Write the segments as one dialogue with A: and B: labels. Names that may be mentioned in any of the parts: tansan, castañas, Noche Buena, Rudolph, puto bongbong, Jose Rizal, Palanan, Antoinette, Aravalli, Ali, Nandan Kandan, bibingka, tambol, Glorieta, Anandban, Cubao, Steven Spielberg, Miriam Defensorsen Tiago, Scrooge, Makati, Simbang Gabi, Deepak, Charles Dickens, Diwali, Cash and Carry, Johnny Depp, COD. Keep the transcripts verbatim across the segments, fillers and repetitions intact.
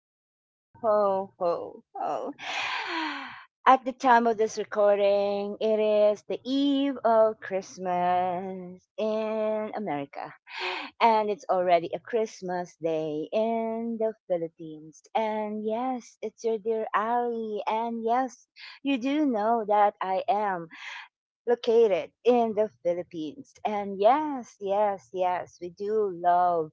A: ho, ho, ho, ho. At the time of this recording, it is the eve of Christmas in America. And it's already a Christmas day in the Philippines. And yes, it's your dear Ali. And yes, you do know that I am located in the Philippines. And yes, yes, yes, we do love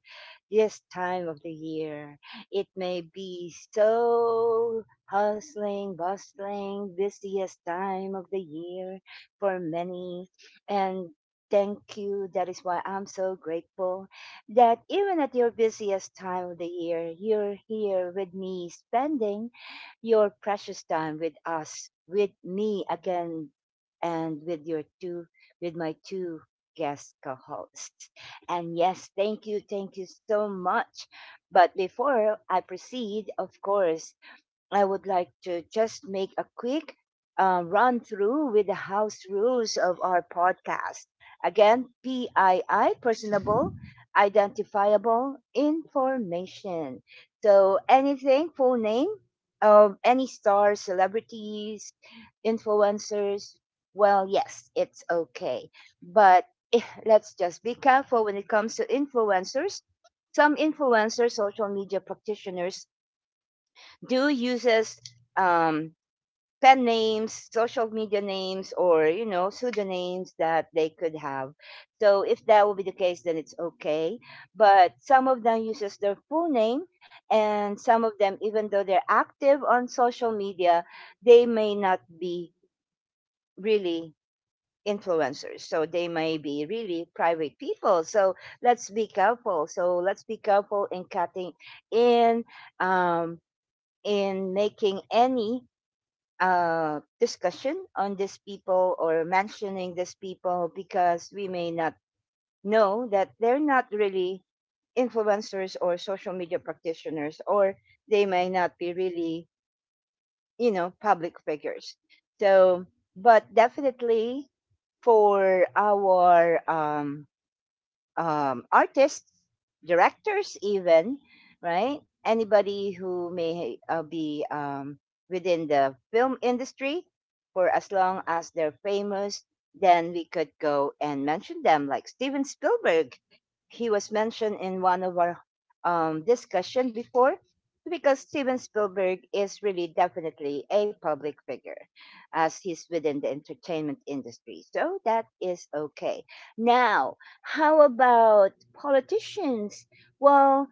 A: this time of the year. It may be so hustling, bustling, busiest time of the year for many. And thank you. That is why I'm so grateful that even at your busiest time of the year, you're here with me spending your precious time with us, with me again and with your two, with my two guest co-hosts. And yes, thank you, thank you so much. But before I proceed, of course, I would like to just make a quick uh, run through with the house rules of our podcast. Again, P I I, personable, identifiable information. So anything, full name, um, any stars, celebrities, influencers, well, yes, it's okay. But eh, let's just be careful when it comes to influencers. Some influencers, social media practitioners, do uses um, pen names, social media names, or you know pseudonyms that they could have. So if that will be the case, then it's okay. But some of them uses their full name, and some of them, even though they're active on social media, they may not be really influencers, so they may be really private people so let's be careful, so let's be careful in cutting in, um in making any uh, discussion on these people or mentioning these people, because we may not know that they're not really influencers or social media practitioners, or they may not be really, you know, public figures. So but definitely for our um um, artists, directors, even, right? Anybody who may uh, be um, within the film industry, for as long as they're famous, then we could go and mention them, like Steven Spielberg. He was mentioned in one of our um, discussion before, because Steven Spielberg is really definitely a public figure as he's within the entertainment industry. So that is okay. Now, how about politicians? Well,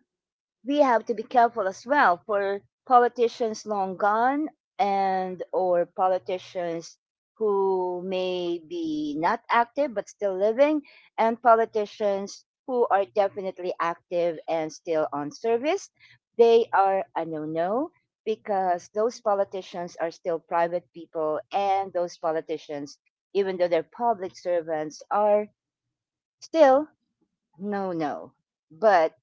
A: we have to be careful as well for politicians long gone, and or politicians who may be not active but still living, and politicians who are definitely active and still on service. They are a no-no, because those politicians are still private people and those politicians, even though they're public servants, are still no, no. But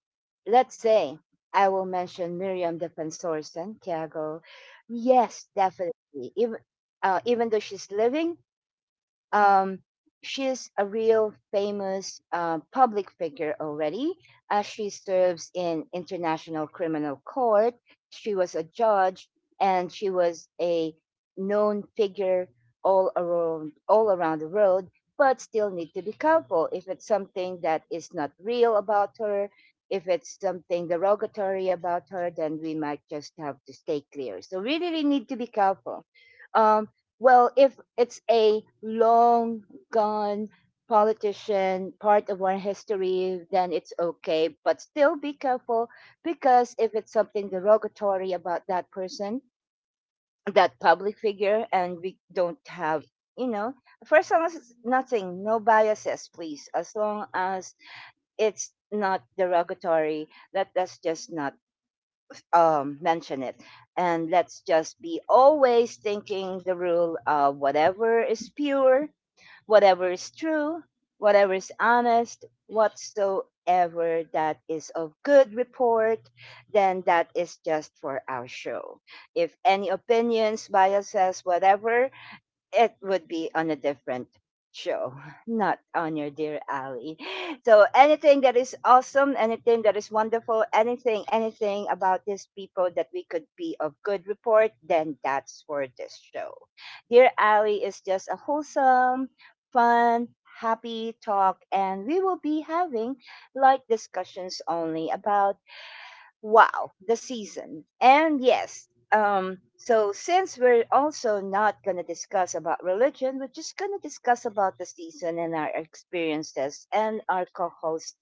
A: let's say I will mention Miriam Defensorsen, Tiago. Yes, definitely. Even uh, even though she's living, um, she's a real famous uh, public figure already, as she serves in international criminal court. She was a judge, and she was a known figure all around all around the world. But still need to be careful if it's something that is not real about her. If it's something derogatory about her, then we might just have to stay clear. So really, really need to be careful. Um, well, if it's a long gone politician, part of our history, then it's okay. But still be careful, because if it's something derogatory about that person, that public figure, and we don't have, you know, first, as long as it's nothing, no biases, please. As long as it's not derogatory, let us just not um, mention it. And let's just be always thinking the rule of whatever is pure, whatever is true, whatever is honest, whatsoever that is of good report, then that is just for our show. If any opinions, biases, whatever, it would be on a different show, not on your dear Ali. So anything that is awesome, anything that is wonderful, anything, anything about these people that we could be of good report, then that's for this show. Dear Ali is just a wholesome, fun, happy talk, and we will be having light discussions only about, wow, the season. And yes, um so since we're also not going to discuss about religion, we're just going to discuss about the season and our experiences and our co-host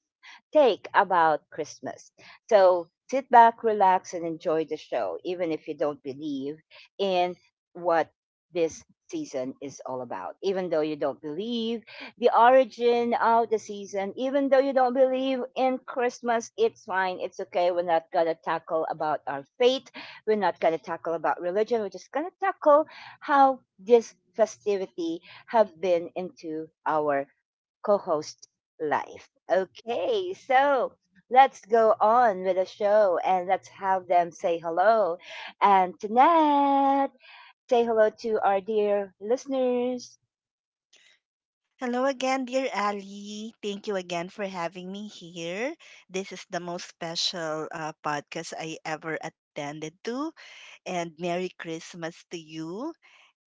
A: take about Christmas. So sit back, relax, and enjoy the show, even if you don't believe in what this season is all about. Even though you don't believe the origin of the season. Even though you don't believe in Christmas, it's fine. It's okay. We're not going to tackle about our faith. We're not going to tackle about religion. We're just going to tackle how this festivity have been into our co-host life. Okay, so let's go on with the show and let's have them say hello. And Tanette, say hello to our dear listeners.
B: Hello again, dear Ali. Thank you again for having me here. This is the most special uh, podcast I ever attended to. And Merry Christmas to you.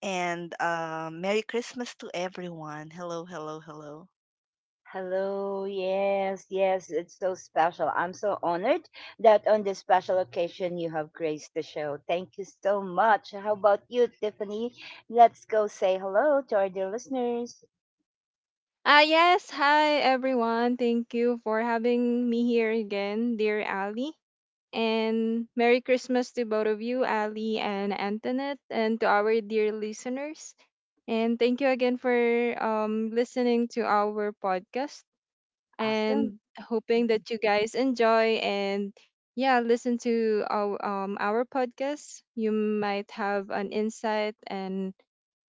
B: And uh, Merry Christmas to everyone. Hello, hello, hello.
A: Hello, yes, yes, it's so special. I'm so honored that on this special occasion you have graced the show. Thank you so much. How about you, Tiffany? Let's go say hello to our dear listeners.
C: Ah, yes. Hi, everyone. Thank you for having me here again, dear Ali. And Merry Christmas to both of you, Ali and Antoinette, and to our dear listeners. And thank you again for um, listening to our podcast,
A: Awesome.
C: and hoping that you guys enjoy and yeah, listen to our um our podcast. You might have an insight and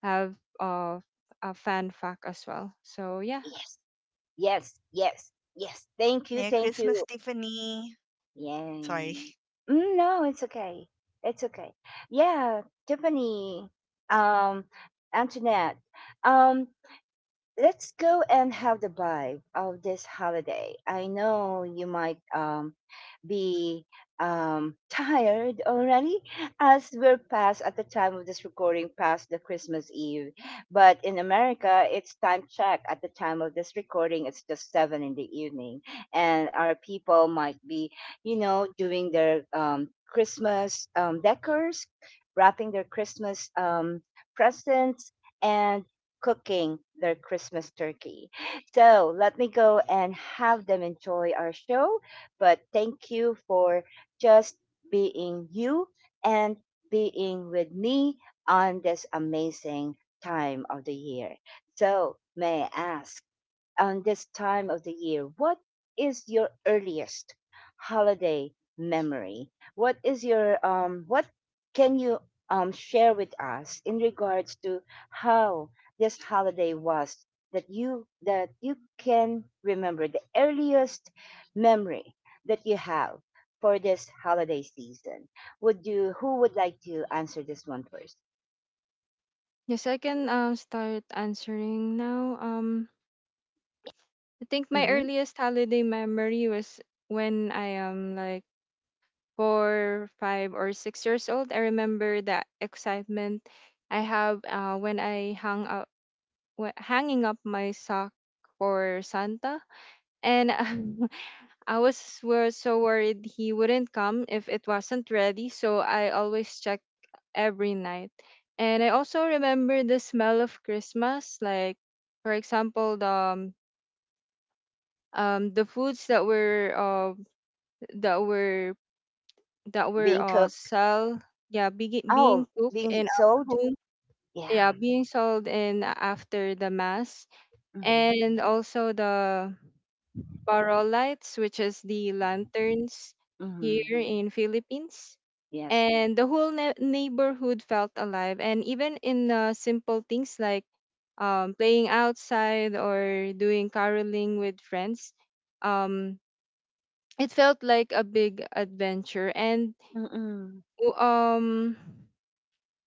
C: have uh, a fan fact as well. So yeah.
A: Yes, yes, yes, yes. Thank you,
B: Merry
A: thank you.
B: Christmas, Tiffany.
A: Yay.
B: Sorry.
A: Mm, no, it's okay. It's okay. Yeah, Tiffany, um, Antoinette, um, let's go and have the vibe of this holiday. I know you might um, be um, tired already as we're past at the time of this recording, past the Christmas Eve. But in America, it's time check at the time of this recording, it's just seven in the evening, and our people might be, you know, doing their um, Christmas um, decors, wrapping their Christmas um, presents. And cooking their Christmas turkey. So let me go and have them enjoy our show. But thank you for just being you and being with me on this amazing time of the year. So may I ask, on this time of the year, what is your earliest holiday memory? What is your um what can you um share with us in regards to how this holiday was, that you that you can remember the earliest memory that you have for this holiday season? Would you, who would like to answer this one first?
C: Yes, I can um start answering now. Um, I think my
A: Mm-hmm.
C: earliest holiday memory was when I am like four, five, or six years old. I remember the excitement I have uh, when I hung up, wh- hanging up my sock for Santa, and um, I was wor- so worried he wouldn't come if it wasn't ready. So I always check every night. And I also remember the smell of Christmas, like for example, the um, um the foods that were uh that were that were
A: Being
C: uh
A: cooked.
C: sell yeah, be-
A: Oh,
C: being cooked in
A: being
C: our
A: sold?
C: home, yeah,
A: Yeah.
C: being sold in after the mass,
A: Mm-hmm.
C: and also the barrel lights, which is the lanterns
A: Mhm.
C: here in Philippines.
A: Yes.
C: And the whole ne- neighborhood felt alive. And even in uh, simple things like um, playing outside or doing caroling with friends, um, it felt like a big adventure. And
A: Mm-mm.
C: w- um,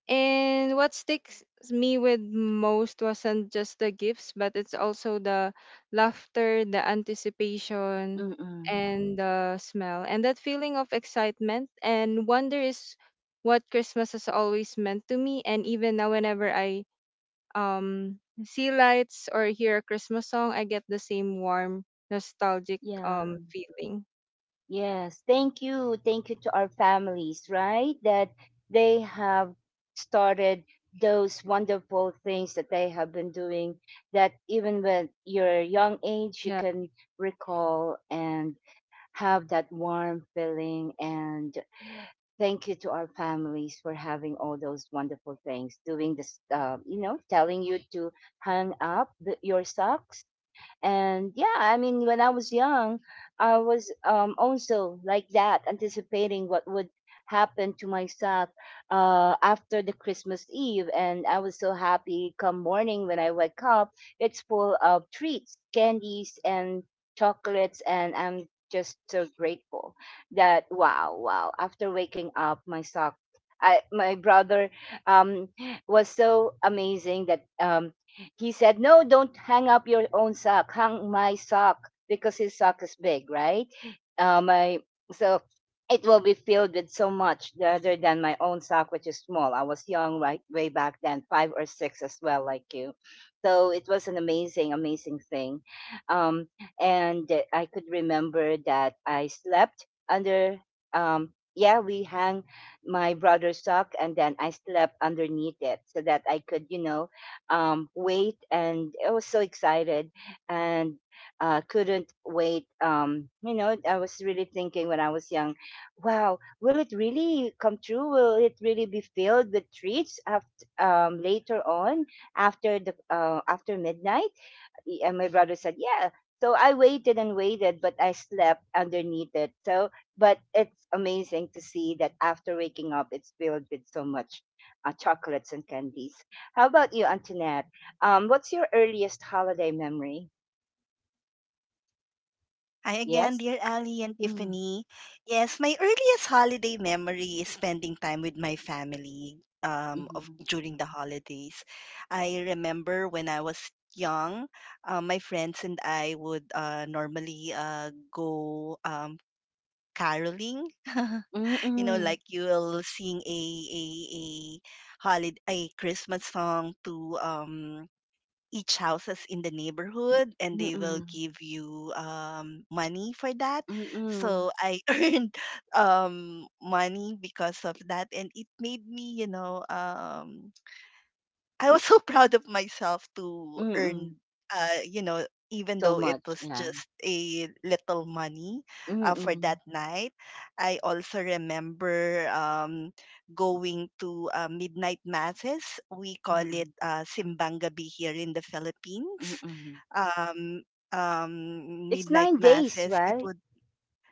C: and what sticks me with most wasn't just the gifts, but it's also the laughter, the anticipation,
A: Mm-mm.
C: and the smell. And that feeling of excitement and wonder is what Christmas has always meant to me. And even now, whenever I um, see lights or hear a Christmas song, I get the same warm, nostalgic um,
A: Yeah.
C: feeling.
A: Yes. Thank you. Thank you to our families, right? That they have started those wonderful things that they have been doing, that even when your young age you
C: Yeah.
A: can recall and have that warm feeling. And thank you to our families for having all those wonderful things, doing this, uh, you know, telling you to hang up the, your socks. And yeah, I mean, when I was young, I was um, also like that, anticipating what would happen to myself uh, after the Christmas Eve. And I was so happy come morning when I wake up, it's full of treats, candies, and chocolates. And I'm just so grateful that, wow, wow, after waking up, my sock. I, my brother um, was so amazing that um, he said, no, don't hang up your own sock. Hang my sock, because his sock is big, right? Um, I, so it will be filled with so much rather than my own sock, which is small. I was young right way back then, five or six as well, like you. So it was an amazing, amazing thing. Um, and uh, I could remember that I slept under, um, yeah, we hang my brother's sock and then I slept underneath it so that I could, you know, um, wait, and I was so excited and uh, couldn't wait. Um, you know, I was really thinking when I was young, wow, will it really come true? Will it really be filled with treats after, um, later on after the uh, after midnight? Y- And my brother said, yeah. So I waited and waited, but I slept underneath it. So, but it's amazing to see that after waking up, it's filled with so much uh, chocolates and candies. How about you, Antoinette? Um, what's your earliest holiday memory?
B: Hi again,
A: Yes?
B: dear Ali and
A: Mm,
B: Tiffany. Yes, my earliest holiday memory is spending time with my family um, of,
A: mhm.
B: during the holidays. I remember when I was young, uh, my friends and I would uh, normally uh, go um, caroling. You know,
A: Mm-mm.
B: like you will sing a a a holiday a Christmas song to um each houses in the neighborhood, and they will
A: Mm-mm.
B: give you um, money for that,
A: Mm-mm.
B: so I earned um, money because of that, and it made me you know um, I was so proud of myself to
A: Mm-mm.
B: earn, uh, you know, even
A: So
B: though it
A: much,
B: was
A: yeah.
B: just a little money uh, for
A: Mm-mm.
B: that night. I also remember um, going to uh, midnight masses. We call it
A: Mm-mm.
B: uh, Simbang Gabi here in the Philippines.
A: Mm-mm.
B: Um, um,
A: It's
B: Midnight
A: nine days,
B: masses. It
A: right?
B: would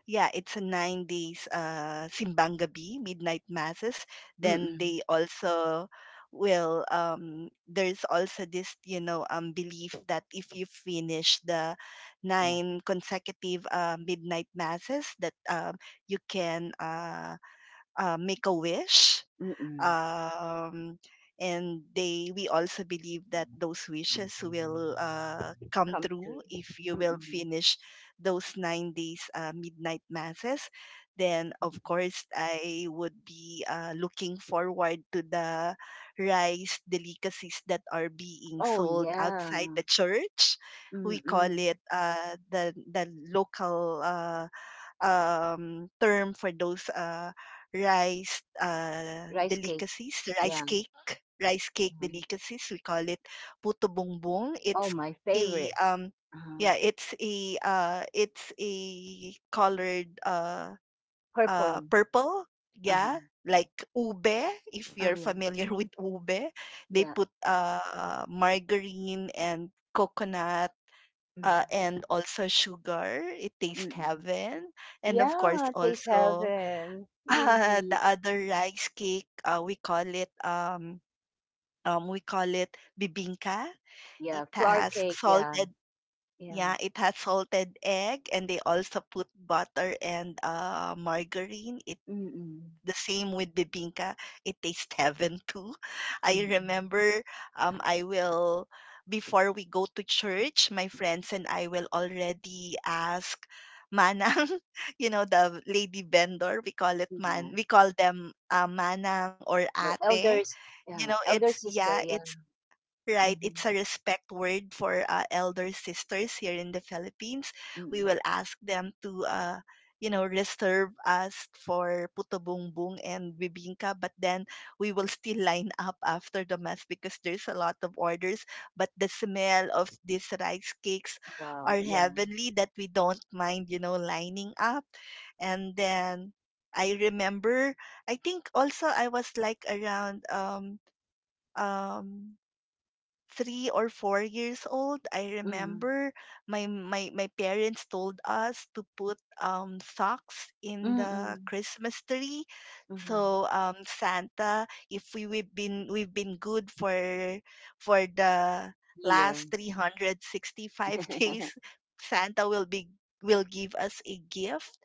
B: Yeah, it's a nine days uh, simbang gabi, midnight masses. Then
A: Mm-mm.
B: they also, will um there's also this you know um belief that if you finish the
A: Yeah.
B: nine consecutive uh, midnight masses, that um you can uh uh, make a wish.
A: Mm-mm.
B: Um, and they we also believe that those wishes will uh, come
A: Come
B: true
A: true.
B: if you will
A: Mm-mm.
B: finish those nine days uh, midnight masses. Then of course I would be uh, looking forward to the rice delicacies that are being
A: Oh
B: sold
A: yeah.
B: outside the church. We call
A: Mm-mm.
B: it uh, the the local, uh, um, term for those uh, rice uh,
A: Rice cake.
B: delicacies, rice
A: Yeah.
B: cake, rice cake
A: Mhm.
B: delicacies. We call it puto bongbong. It's
A: Oh, my
B: a
A: favorite.
B: um,
A: Uh,
B: Yeah, it's a uh, it's a colored, uh, uh,
A: purple.
B: purple. Yeah,
A: Uh-huh.
B: like ube. If
A: Oh
B: you're
A: yeah.
B: familiar with ube, they
A: Yeah.
B: put uh, margarine and coconut,
A: Mm.
B: uh, and also sugar. It tastes
A: Mm-mm.
B: heaven. And of course,
A: Yeah, taste
B: also
A: heaven.
B: uh, the
A: Indeed.
B: other rice cake. Uh, we call it um, um, we call it bibingka. It
A: Yeah, flour
B: has
A: cake. Yeah.
B: salted. Yeah,
A: Yeah.
B: it has salted egg, and they also put butter and uh, margarine. It.
A: Mm-mm.
B: The same with bibingka. It tastes heaven too. I
A: Mm-mm.
B: remember, um, I will, before we go to church, my friends and I will already ask manang, you know, the lady vendor. we call it man,
A: Yeah.
B: we call them uh, manang or
A: Or
B: ate.
A: elders.
B: You
A: Yeah,
B: know,
A: elder
B: it's,
A: sister.
B: yeah,
A: Yeah.
B: it's right?
A: Mm-hmm.
B: It's a respect word for uh, elder sisters here in the Philippines. We
A: Mm-mm.
B: will ask them to, uh, you know, reserve us for puto bumbong and bibingka, but then we will still line up after the mass because there's a lot of orders. But the smell of these rice cakes
A: Wow.
B: are
A: Yeah.
B: heavenly that we don't mind, you know, lining up. And then I remember, I think also I was like around um um three or four years old. I
A: Mm-hmm.
B: remember my my my parents told us to put um socks in the
A: Mm-mm.
B: Christmas tree.
A: Mm-hmm.
B: So um Santa, if we, we've been we've been good for for the
A: Year.
B: last three hundred sixty-five days, Santa will be will give us a gift.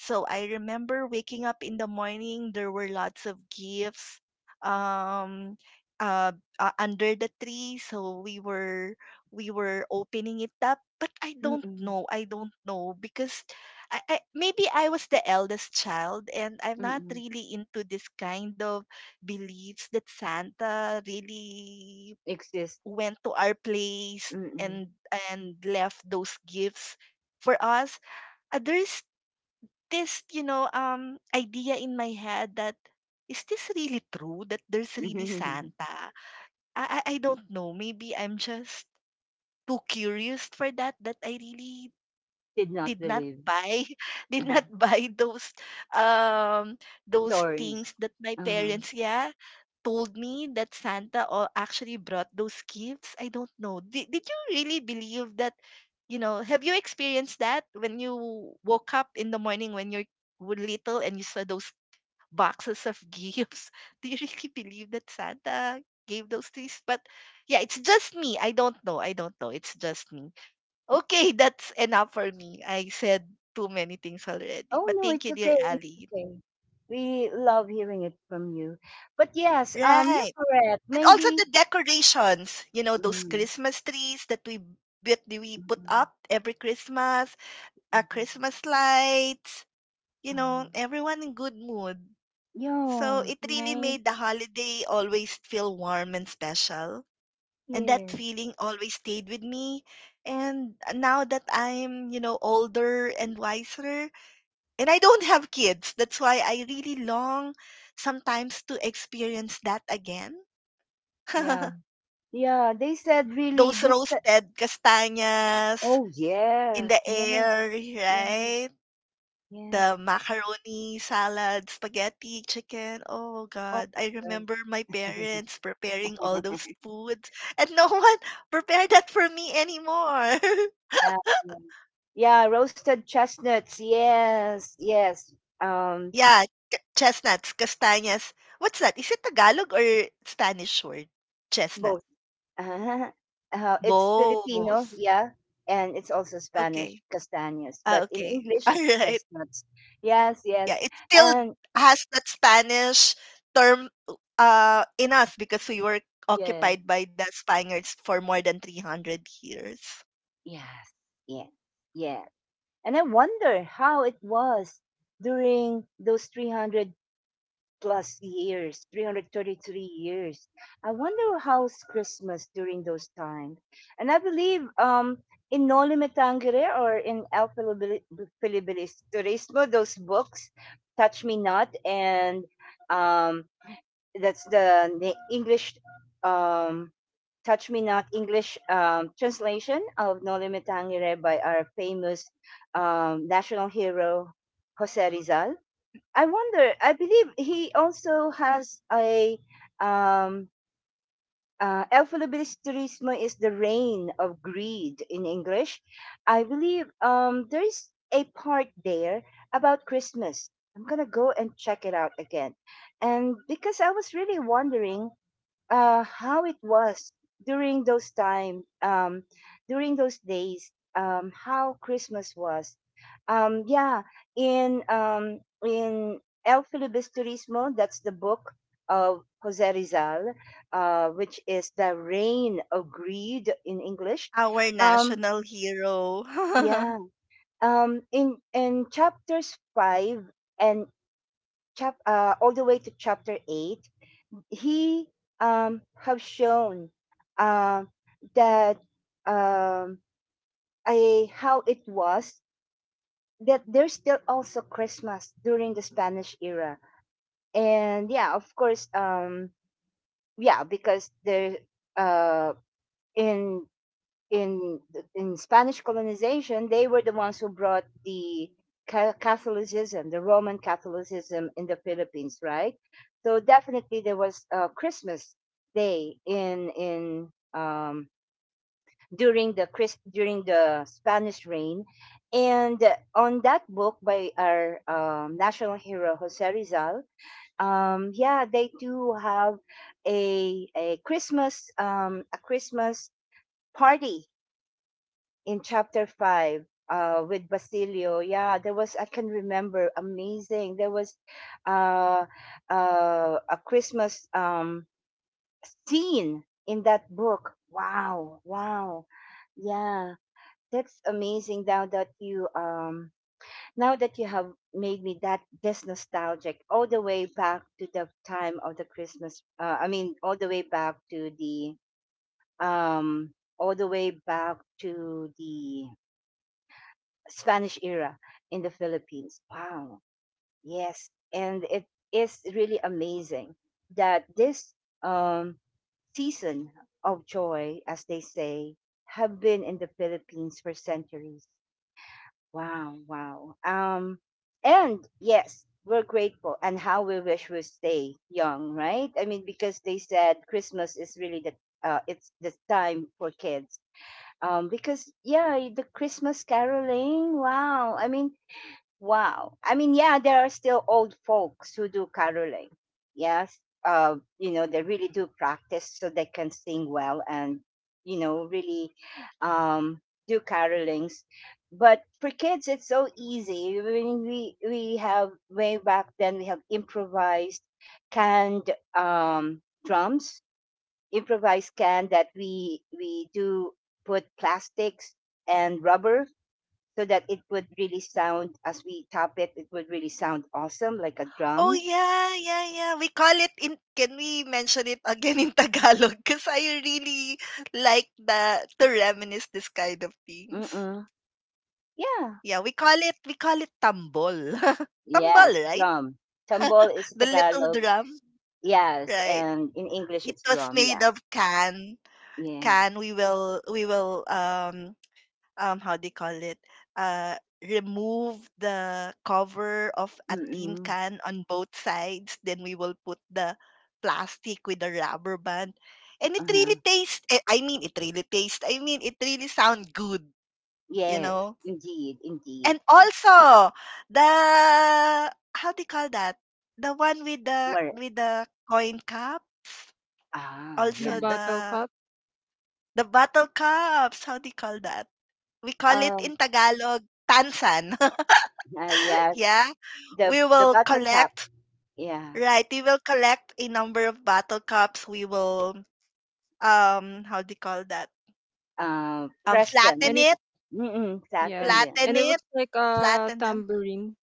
B: So I remember waking up in the morning, there were lots of gifts. Um uh uh, Under the tree, so we were we were opening it up, but i don't
A: Mm-mm.
B: know i don't know because I, I maybe I was the eldest child, and I'm not
A: Mm.
B: really into this kind of beliefs that Santa really
A: Exist.
B: went to our place
A: Mm.
B: and and left those gifts for us. Uh, there's this you know um idea in my head that, is this really true that there's really Santa? I, I I don't know. Maybe I'm just too curious for that that I really
A: Did not
B: did not
A: believe.
B: buy did
A: Uh-huh.
B: not buy those um those
A: Stories.
B: things that my
A: Uh-huh.
B: parents, yeah, told me that Santa o- actually brought those gifts. I don't know. Did, did you really believe that, you know, have you experienced that when you woke up in the morning, when you're w- little, and you saw those boxes of gifts? Do you really believe that Santa gave those things? But yeah, it's just me. I don't know. I don't know. It's just me. Okay, that's enough for me. I said too many things already.
A: Oh
B: But
A: no,
B: thank
A: it's
B: you, dear
A: okay. It's
B: Ali.
A: okay. We love hearing it from you. But yes, um, you're
B: Right.
A: correct.
B: And also
A: Maybe.
B: the decorations, you know, those
A: Mm.
B: Christmas trees that we that we put
A: Mm-mm.
B: up every Christmas, uh,
A: Mm-mm.
B: Christmas lights, you know,
A: Mm.
B: everyone in good mood. So
A: Yeah.
B: it really
A: Right.
B: made the holiday always feel warm and special, and that
A: Yes.
B: feeling always stayed with me. And now that I'm, you know, older and wiser, and I don't have kids, that's why I really long sometimes to experience that again.
A: Yeah. Yeah. They said really
B: Those
A: this. Ti-
B: roasted castañas
A: Oh
B: in the
A: yes. Yes.
B: air,
A: Yes.
B: right? The
A: Yes.
B: macaroni salad, spaghetti, chicken. Oh
A: Oh.
B: God, I remember my parents
A: Yes.
B: preparing all those foods, and no one prepare that for me anymore.
A: Yeah, yeah, yeah. Roasted chestnuts. Yes, yes. Um,
B: Yeah, c- chestnuts, castañas. What's that? Is it Tagalog or Spanish word? Chestnut.
A: Both. Uh-huh. Uh, it's Filipino,
B: Both.
A: yeah, and it's also Spanish
B: Okay.
A: castañas,
B: Ah,
A: but in
B: okay.
A: English
B: All
A: it's
B: right.
A: chestnuts. Yes,
B: Yeah,
A: yes,
B: it still
A: and
B: has that Spanish term uh, in us, because we were
A: yeah,
B: occupied by the Spaniards for more than three hundred years.
A: yes, yeah, yeah. And I wonder how it was during those three hundred plus years, three hundred thirty-three years. I wonder how's Christmas during those times. And I believe, um, in Noli Me Tangere or in El Filibili- Filibilis Turismo, those books. Touch Me Not, and um, that's the na- English, um, Touch Me Not English um, translation of Noli Me Tangere by our famous, um, national hero, Jose Rizal. I wonder. I believe he also has a, um uh, El Filibilis Turismo is the reign of greed in English. I believe um there is a part there about Christmas. I'm gonna go and check it out again. And because I was really wondering uh, how it was during those time, um, during those days, um, how Christmas was. Um, yeah, in um, in El Filibusterismo, that's the book of Jose Rizal, uh, which is the reign of greed in English.
B: Our
A: Um,
B: national hero.
A: yeah, um, in in chapters five and chap uh, all the way to chapter eight, he um have shown, um that um I how it was, that there's still also Christmas during the Spanish era. And yeah, of course, um yeah, because there, uh in in in Spanish colonization, they were the ones who brought the Ca- Catholicism, the Roman Catholicism in the Philippines, right? So definitely there was, uh, Christmas Day in in um, during the Chris during the Spanish reign, and on that book by our, um, national hero Jose Rizal, um, yeah, they do have a a Christmas, um, a Christmas party in chapter five, uh, with Basilio. Yeah, there was, I can remember, amazing. There was, uh, uh, a Christmas, um, scene in that book. Wow, wow. Yeah, that's amazing now that you, um now that you have made me that this nostalgic all the way back to the time of the Christmas, uh, I mean all the way back to the, um all the way back to the Spanish era in the Philippines. Wow. Yes. And it is really amazing that this, um, season of joy, as they say, have been in the Philippines for centuries. Wow. Wow. Um, and yes, we're grateful and how we wish we stay young, right? I mean, because they said Christmas is really the, uh, it's the time for kids, um because yeah the christmas caroling, wow, I mean. Wow. I mean, yeah, there are still old folks who do caroling. Yes. Uh, you know, they really do practice so they can sing well and, you know, really, um, do carolings. But for kids, it's so easy. I mean, we, we have way back then, we have improvised canned, um, drums, improvised can that we, we do put plastics and rubber so that it would really sound, as we tap it it would really sound awesome like a
B: Oh,
A: drum.
B: yeah, yeah, yeah. We call it in Can we mention it again in Tagalog? Because I really like the to reminisce this kind of things.
A: Mm-mm. Yeah.
B: Yeah, we call it we call it tambol. Tambol,
A: Yes,
B: right?
A: drum. Tambol is
B: The little
A: tagalog.
B: drum,
A: Yes,
B: right?
A: and in english
B: It
A: it's
B: was
A: drum,
B: made
A: yeah.
B: of can.
A: Yes.
B: Can we will we will um um how they call it uh remove the cover of a tin
A: Mm-mm.
B: can on both sides, then we will put the plastic with the rubber band, and it really
A: Uh-huh.
B: tastes eh, I mean it really tastes I mean it really sound good you
A: Yes.
B: know
A: Indeed, indeed.
B: and also the, how do you call that, the one with the
A: More.
B: with the coin cups,
A: Ah
C: The
B: also
A: yeah.
C: bottle
B: the
C: cup.
B: the bottle cups, how do you call that? We call it
A: um
B: in Tagalog tansan.
A: uh, yes.
B: Yeah.
A: the
B: We
A: the
B: will
A: bottle cap.
B: collect,
A: Yeah.
B: right? We will collect a number of bottle caps. We will, um, how do you call that?
A: Uh,
B: Um,
A: press them.
C: And
B: flatten
C: it,
B: it,
A: Mm-mm. Tap them.
C: yeah. And
B: flatten
C: it
B: it,
C: looks like a
B: flatten them.
C: tambourine.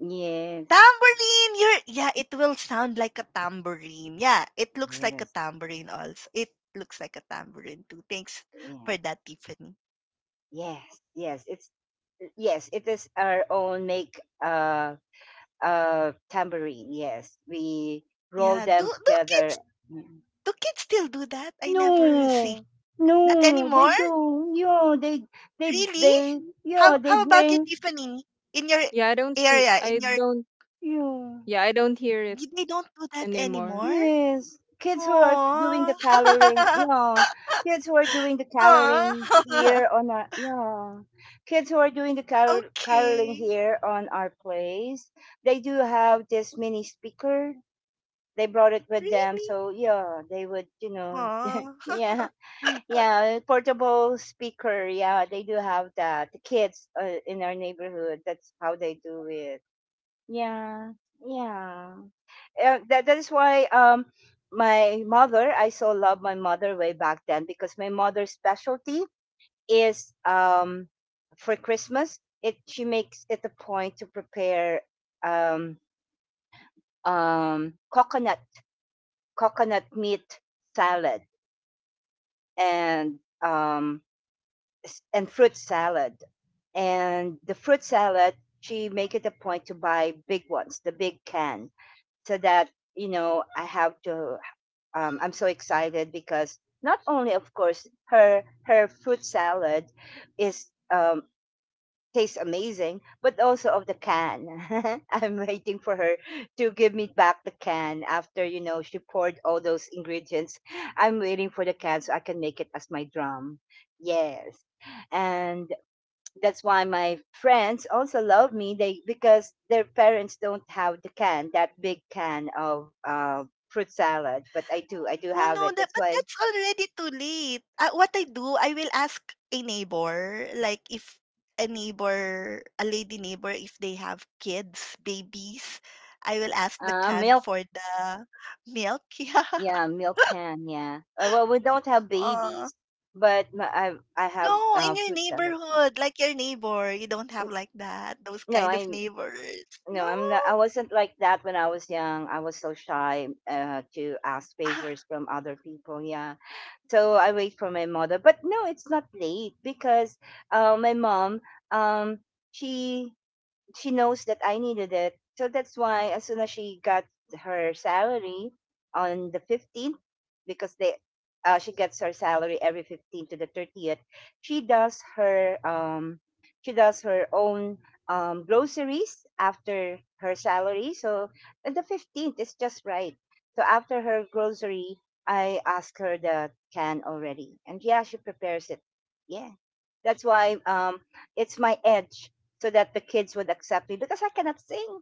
A: Yes.
B: Tambourine! You're, yeah, it will sound like a tambourine. Yeah, it looks like a
A: Yes.
B: tambourine also. It looks like a tambourine too. Thanks for
A: Yes.
B: that, Tiffany.
A: Yes, yes, it's, yes, it is our own make, uh uh tambourine. Yes, we roll
B: Yeah, do,
A: them
B: do
A: together.
B: kids,
A: Mm.
B: do kids still do that? I never see.
A: No,
B: Not
A: no, they
B: anymore?
A: don't. Yeah, they they
B: Really?
A: they yeah
B: How
A: they
B: how about you,
A: bring
B: Tiffany? In your
C: Yeah, I don't see.
B: area,
C: I
B: in your
C: don't.
A: yeah.
C: Yeah, I don't hear it
B: y- they don't do that
C: anymore.
B: anymore?
A: Yes, kids who are doing the
B: Oh.
A: coloring, yeah. Kids who are doing the
B: Aw.
A: coloring here on our, yeah. Kids who are doing the color, coloring
B: Okay.
A: here on our place, they do have this mini speaker. They brought it with them,
B: Really?
A: so yeah, they would, you know,
B: Aw.
A: yeah, yeah, portable speaker. Yeah, they do have that. The kids, uh, in our neighborhood, that's how they do it. Yeah, yeah, uh, that that is why, um my mother, I so love my mother way back then because my mother's specialty is, um for Christmas, it she makes it a point to prepare, um um coconut, coconut meat salad, and um s- and fruit salad. And the fruit salad, she make it a point to buy big ones, the big can, so that, you know, I have to, um, I'm so excited because not only, of course, her her fruit salad is, um, tastes amazing, but also of the can. I'm waiting for her to give me back the can after, you know, she poured all those ingredients. I'm waiting for the can so I can make it as my drum. Yes, and that's why my friends also love me, they, because their parents don't have the can, that big can of, uh, fruit salad, but I do, i do
B: Oh
A: have
B: no,
A: it.
B: that
A: That's
B: but
A: why.
B: that's already too late. Uh, what I do, I will ask a neighbor, like if a neighbor, a lady neighbor, if they have kids, babies, I will ask the
A: Uh,
B: can
A: milk.
B: for the milk.
A: Yeah, milk can, yeah. Uh, well we don't have
B: Yeah.
A: babies, but my, i i have,
B: No, in
A: uh,
B: your
A: fruit salad.
B: neighborhood, like your neighbor. You don't have like that, those
A: No,
B: kind
A: I
B: of neighbors.
A: no,
B: No.
A: I'm not, I wasn't like that when I was young, I was so shy, uh, to ask favors
B: Ah,
A: from other people, yeah. So I wait for my mother. But no, it's not late because, uh, my mom, um, she she knows that I needed it. So that's why, as soon as she got her salary on the fifteenth, because they, uh, she gets her salary every fifteenth to the thirtieth, she does her um she does her own, um groceries after her salary. So, and the fifteenth is just right. So after her grocery, I ask her the can already. And yeah, she prepares it. Yeah. That's why, um, it's my edge, so that the kids would accept me, because I cannot sing.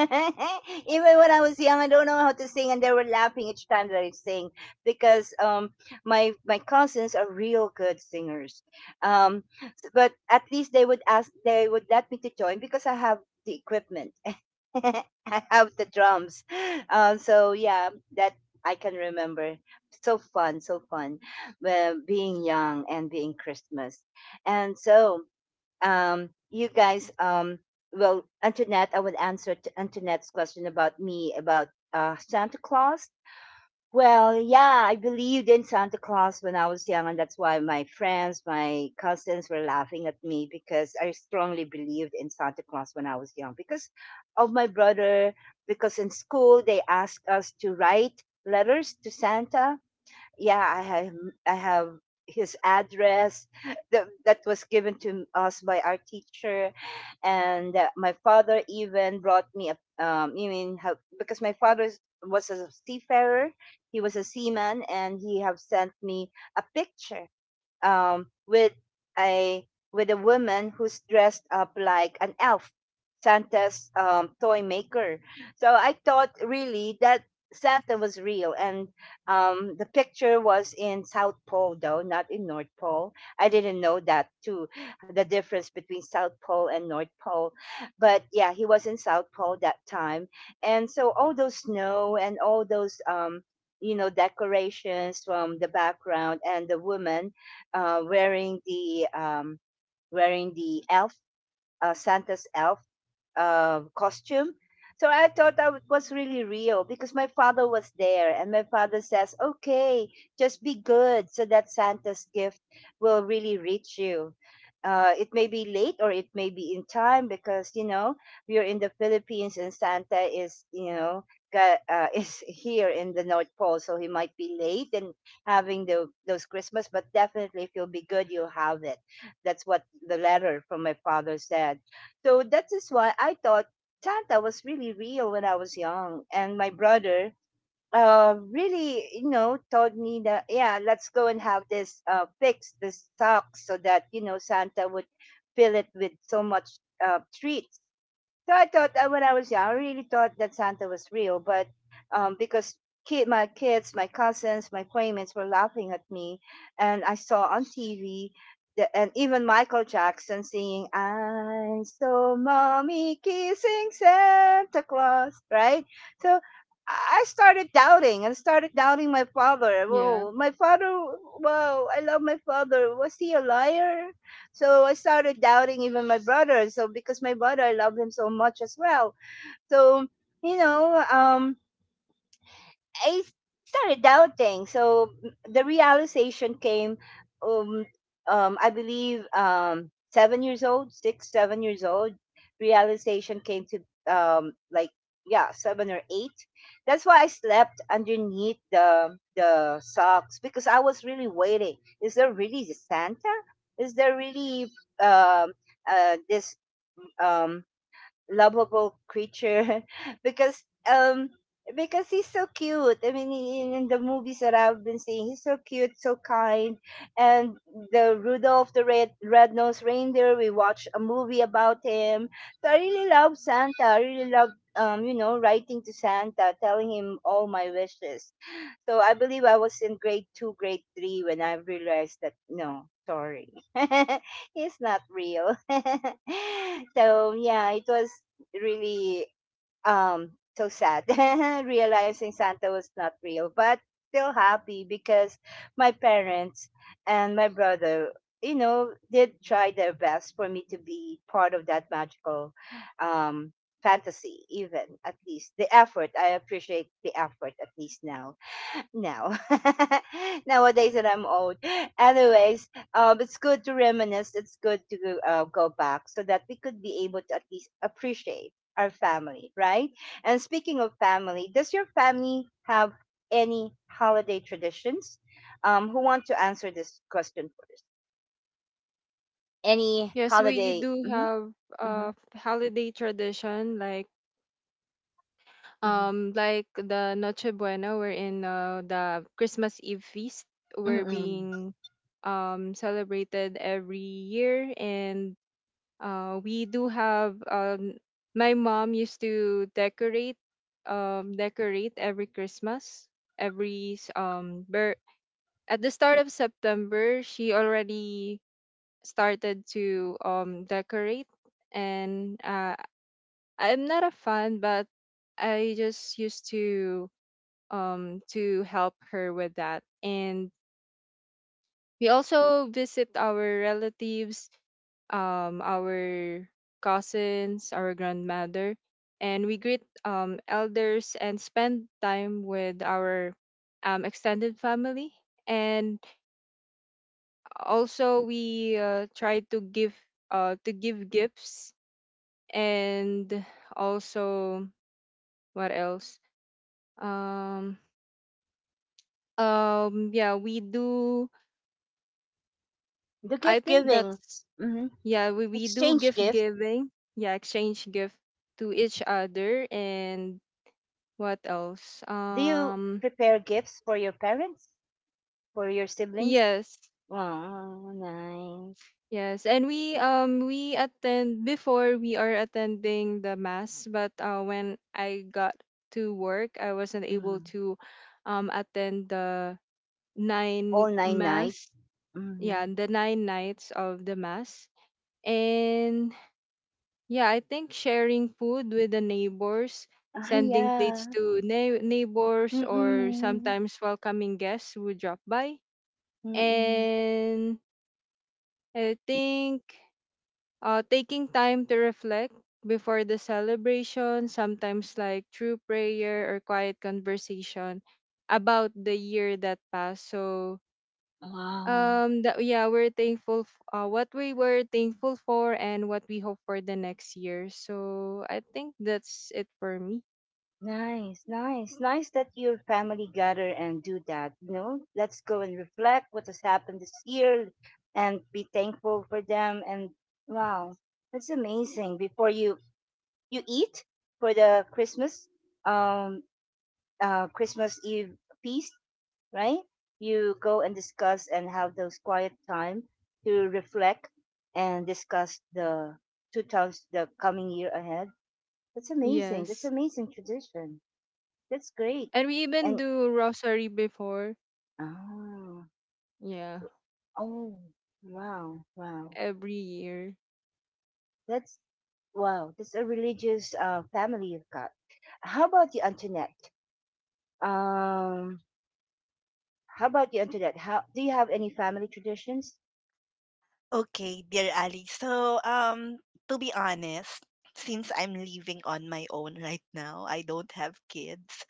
A: Even when I was young, I don't know how to sing, and they were laughing each time that I sing, because, um, my my cousins are real good singers. Um, but at least they would ask, they would let me to join because I have the equipment. I have the drums. Um, so yeah, that I can remember. So fun, so fun, uh, being young and being Christmas. And so, um, you guys, um, well, Antoinette, I would answer to Antoinette's question about me about, uh, Santa Claus. Well, yeah, I believed in Santa Claus when I was young, and that's why my friends, my cousins were laughing at me because I strongly believed in Santa Claus when I was young, because of my brother. Because in school, they asked us to write letters to Santa, yeah, I have I have his address, that, that was given to us by our teacher. And, uh, my father even brought me a, um you mean how, because my father is- was a seafarer, he was a seaman, and he have sent me a picture, um, with a, with a woman who's dressed up like an elf, Santa's, um, toy maker. So I thought really that Santa was real, and, um, the picture was in South Pole though, not in North Pole. I didn't know that too, the difference between South Pole and North Pole. But yeah, he was in South Pole that time, and so all those snow and all those, um, you know, decorations from the background, and the woman, uh, wearing the, um, wearing the elf, uh, Santa's elf, um costume. So I thought that was really real, because my father was there, and my father says, "Okay, just be good, so that Santa's gift will really reach you. Uh, it may be late or it may be in time because you know we're in the Philippines and Santa is, you know, got, uh, is here in the North Pole, so he might be late and having the, those Christmas, but definitely if you'll be good, you'll have it." That's what the letter from my father said. So that is why I thought Santa was really real when I was young. And my brother, uh, really, you know, told me that, yeah, let's go and have this, uh, fix, this sock, so that, you know, Santa would fill it with so much, uh, treats. So I thought that when I was young, I really thought that Santa was real, but, um, because kid, my kids, my cousins, my playmates were laughing at me, and I saw on T V, the, and even Michael Jackson singing, "I saw mommy kissing Santa Claus," right? So I started doubting and started doubting my father.
C: Yeah.
A: Whoa, my father! Wow, I love my father. Was he a liar? So I started doubting even my brother. So, because my brother, I love him so much as well. So, you know, um, I started doubting. So m- the realization came, um, um, I believe, um, seven years old, six, seven years old. Realization came to, um, like, yeah, seven or eight. That's why I slept underneath the the socks because I was really waiting. Is there really Santa? Is there really, um, uh, this, um, lovable creature, because, um because he's so cute. I mean, he- in, in the movies that I've been seeing, he's so cute, so kind. And the Rudolph the Red Red Nosed Reindeer, we watched a movie about him. So I really love Santa. I really love, um you know, writing to Santa, telling him all my wishes. So I believe I was in grade two, grade three when I realized that no, sorry, it's not real. so yeah, it was really um so sad. Realizing Santa was not real, but still happy because my parents and my brother you know did try their best for me to be part of that magical um fantasy. Even at least the effort, I appreciate the effort at least now. No. Nowadays that I'm old. Anyways, um, it's good to reminisce. It's good to uh, go back so that we could be able to at least appreciate our family, right? And speaking of family, does your family have any holiday traditions? Um, who want to answer this question first? Any
C: Yes, we
A: holiday?
C: do
A: Mm-hmm,
C: have
A: mm-hmm,
C: a holiday tradition, like
A: mm-hmm,
C: um like the Noche Buena, wherein uh, the Christmas Eve feast We're
A: mm-hmm.
C: being um celebrated every year. And uh we do have um my mom used to decorate, um decorate every Christmas, every s- um ber, at the start of September, she already started to um decorate, and uh, I'm not a fan, but I just used to um to help her with that. And we also visit our relatives, um our cousins, our grandmother, and we greet um elders and spend time with our um extended family. And also we uh, try to give, uh to give gifts, and also, what else? um um yeah, we do,
A: The
C: I
A: gift
C: think
A: giving,
C: that's
A: mm-hmm,
C: yeah, we, we do
A: exchange
C: gift
A: gifts.
C: giving, yeah, exchange gift to each other. And what else?
A: Do you
C: Um
A: prepare gifts for your parents, for your siblings?
C: yes.
A: Wow, nice.
C: Yes, and we um we attend, before we are attending the mass, but uh, when I got to work, I wasn't able
A: Mm.
C: to um attend the
A: All
C: nine
A: nine nights?
C: mass.
A: Mhm.
C: Yeah, the nine nights of the mass. And yeah, I think sharing food with the neighbors,
A: Ah,
C: sending
A: yeah.
C: plates to nei- neighbors, or
A: Mm.
C: sometimes welcoming guests who drop by.
A: Mm.
C: And I think uh, taking time to reflect before the celebration, sometimes like through prayer or quiet conversation about the year that passed. So,
A: Wow.
C: um, that, yeah, we're thankful, f- uh, what we were thankful for and what we hope for the next year. So, I think that's it for me.
A: Nice, nice. Nice that your family gather and do that, you know? Let's go and reflect what has happened this year and be thankful for them, and wow. That's amazing. Before you you eat for the Christmas um uh Christmas Eve feast, right? You go and discuss and have those quiet time to reflect and discuss the two towns the coming year ahead. That's amazing. That's
C: Yes.
A: amazing tradition. That's great.
C: And we even
A: And
C: do rosary before,
A: oh,
C: yeah,
A: oh wow, wow.
C: every year.
A: That's wow. That's a religious uh, family you've got. How about you, Antoinette? Um, how about you, Antoinette? How do you have any family traditions?
B: okay, dear Ali. So, um, to be honest, since I'm living on my own right now, I don't have kids.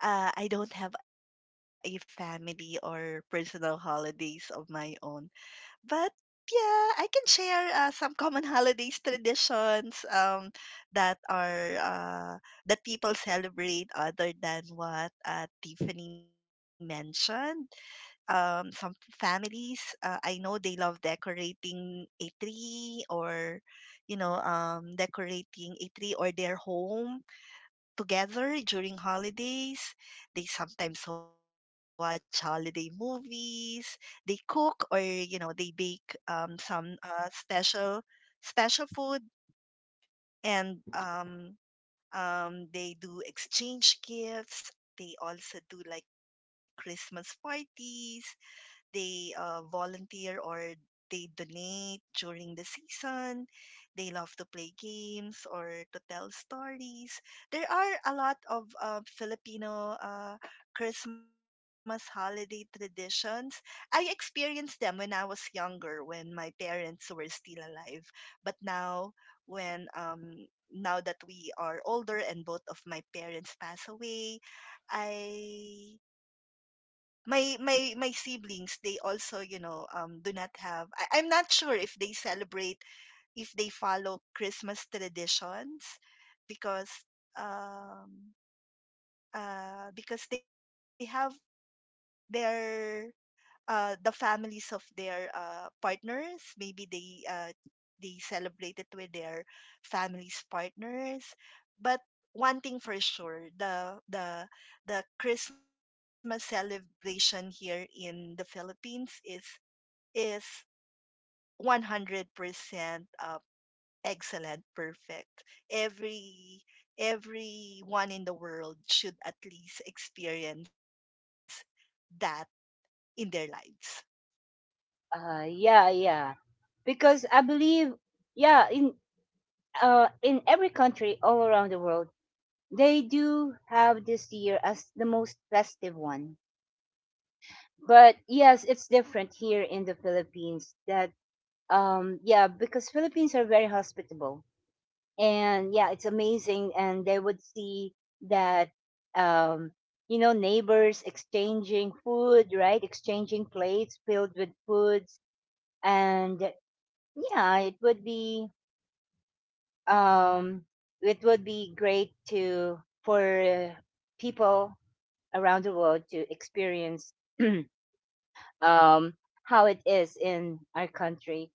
B: Uh, I don't have a family or personal holidays of my own. But yeah, I can share uh, some common holidays traditions, um, that are uh, that people celebrate other than what uh, Tiffany mentioned. Um, some families, uh, I know, they love decorating a tree or you know um, decorating a tree or their home together during holidays. They sometimes watch holiday movies. They cook, or, you know, they bake um, some uh, special special food, and um, um, they do exchange gifts. They also do like Christmas parties. They uh, volunteer, or they donate during the season. They love to play games or to tell stories. There are a lot of uh, Filipino uh, Christmas holiday traditions. I experienced them when I was younger, when my parents were still alive. But now, when um, now that we are older, and both of my parents pass away, I my my my siblings, they also, you know um do not have. I, I'm not sure if they celebrate, if they follow Christmas traditions, because um uh because they have their, uh, the families of their uh, partners. Maybe they, uh, they celebrate it with their families partners. But one thing for sure, the the the Christmas celebration here in the Philippines is is one hundred percent, uh, excellent, perfect. Every everyone in the world should at least experience that in their lives.
A: Uh, yeah, yeah. Because I believe, yeah, in uh, in every country all around the world, they do have this year as the most festive one. But yes, it's different here in the Philippines. That um, yeah, because Philippines are very hospitable, and yeah, it's amazing. And they would see that um, you know, neighbors exchanging food, right? Exchanging plates filled with foods, and yeah, it would be um, it would be great to for people around the world to experience um, how it is in our country.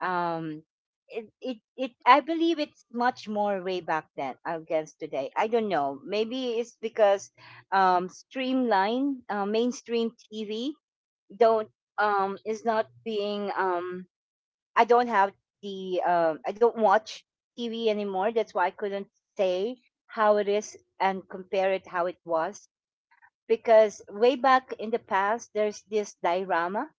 A: Um, it, it, it, I believe it's much more way back then against today. I don't know. Maybe it's because um, streamline uh, mainstream T V don't um, is not being um, I don't have the um, I don't watch T V anymore. That's why I couldn't say how it is and compare it how it was, because way back in the past there's this diorama.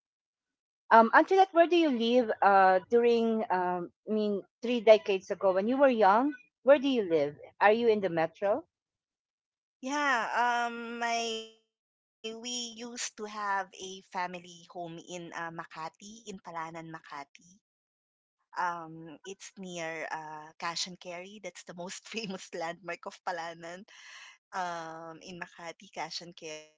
A: Um, Antoinette, where do you live? Uh, during um, I mean three decades ago when you were young, where do you live? Are you in the metro?
B: Yeah, um, my we used to have a family home in uh, Makati, in Palanan, Makati. Um, it's near uh, Cash and Carry. That's the most famous landmark of Palanan. Um, in Makati, Cash and Carry.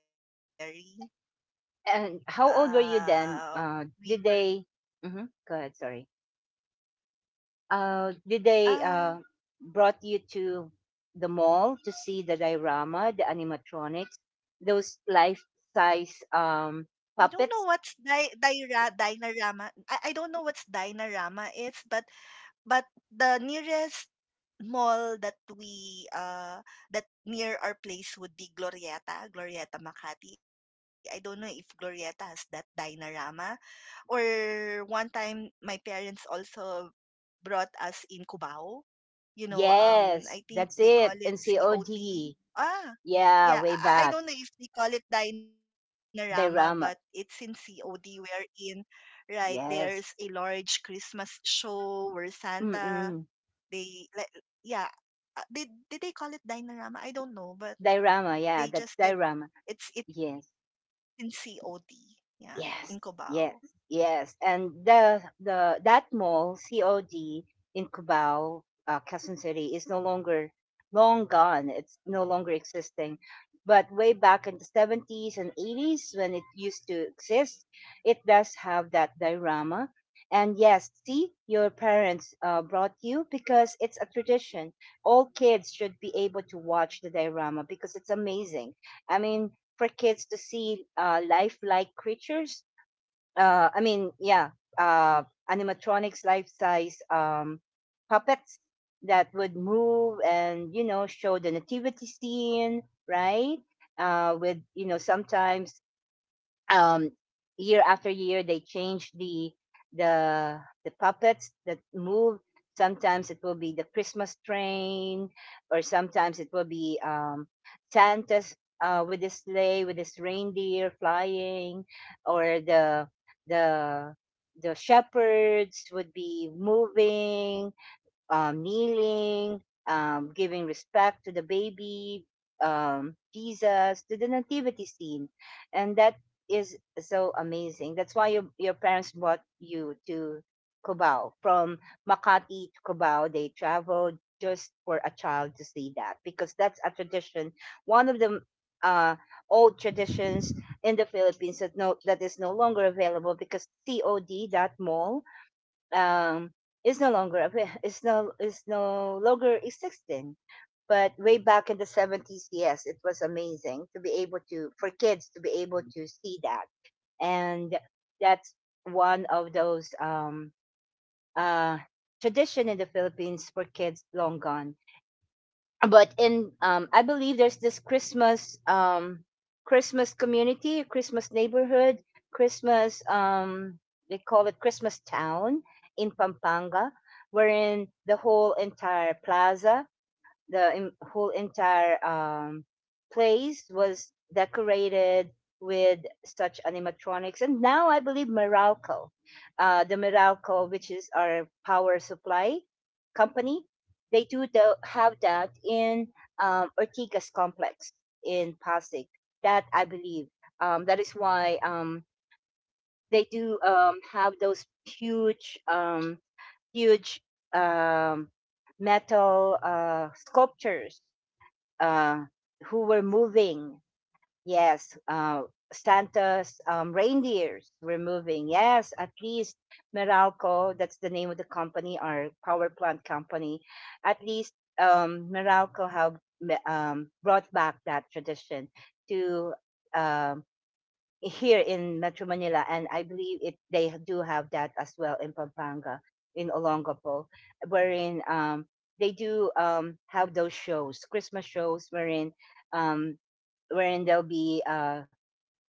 A: And how
B: Uh,
A: old were you
B: we
A: then?
B: were.
A: Uh, did they? Mm-hmm. Go ahead. Sorry. Uh, did
B: Uh,
A: they uh, brought you to the mall to see the diorama, the animatronics, those
B: I
A: life-size
B: don't know what's
A: um,
B: di-
A: puppets?
B: Dinarama. I, I don't know what's Dinarama is, but But the nearest mall that we uh that near our place would be Glorieta, Glorieta Makati. I don't know if Glorieta has that Dynarama, or one time my parents also brought us in Cubao. you know, um, I think they
A: Yes,
B: call
A: that's
B: it
A: it. And
B: C O D.
A: C O D.
B: Ah, yeah,
A: Yeah,
B: I, I
A: way
B: don't know if
A: back.
B: they call it Dinorama, but it's in
A: Diorama.
B: C O D wherein, right, there's a large
A: Yes.
B: Christmas show where Santa,
A: Mm-mm.
B: they, like, yeah, uh, did, did they call it Dinorama? I don't know, but
A: Diorama.
B: they
A: Yeah,
B: just
A: that's
B: said
A: diorama.
B: it's, it's in
A: Yes.
B: C O D, yeah, in Cubao.
A: Yes, yes, yes. And the the that mall, C O D in Cubao, uh, Quezon City, is no longer long gone. It's no longer existing. But way back in the seventies and eighties, when it used to exist, it does have that diorama. And yes, see, your parents uh, brought you because it's a tradition. All kids should be able to watch the diorama because it's amazing. I mean, for kids to see uh, lifelike creatures. Uh, I mean, yeah, uh, animatronics, life-size um, puppets that would move and you know show the nativity scene, right? Uh, with you know sometimes um, year after year they change the the the puppets that move. Sometimes it will be the Christmas train, or sometimes it will be um Santa's uh with his sleigh with his reindeer flying, or the the the shepherds would be moving, um, kneeling, um, giving respect to the baby, um, Jesus, to the nativity scene, and that is so amazing. That's why your your parents brought you to Cubao, from Makati to Cubao. They traveled just for a child to see that, because that's a tradition, one of the uh, old traditions in the Philippines, that no, that is no longer available because C O D, that mall, um, is no longer avai- is no is no longer existing. But way back in the seventies, yes, it was amazing to be able to for kids to be able to see that, and that's one of those um, uh, tradition in the Philippines for kids long gone. But in um I believe there's this Christmas um Christmas community, Christmas neighborhood, Christmas um they call it Christmas town in Pampanga, wherein the whole entire plaza, the en- whole entire um, place was decorated with such animatronics. And now I believe Meralco, uh, the meralco which is our power supply company, they do the, have that in um, Ortigas complex in Pasig. That I believe um, that is why um, they do um, have those huge um, huge um, metal uh, sculptures uh, who were moving. Yes, uh, Santa's um, reindeers were moving. Yes, at least Meralco, that's the name of the company, our power plant company, at least um, Meralco have um, brought back that tradition to um here in Metro Manila, and I believe it they do have that as well in Pampanga, in Olongapo, wherein um, they do um, have those shows, Christmas shows, wherein um, wherein there'll be uh,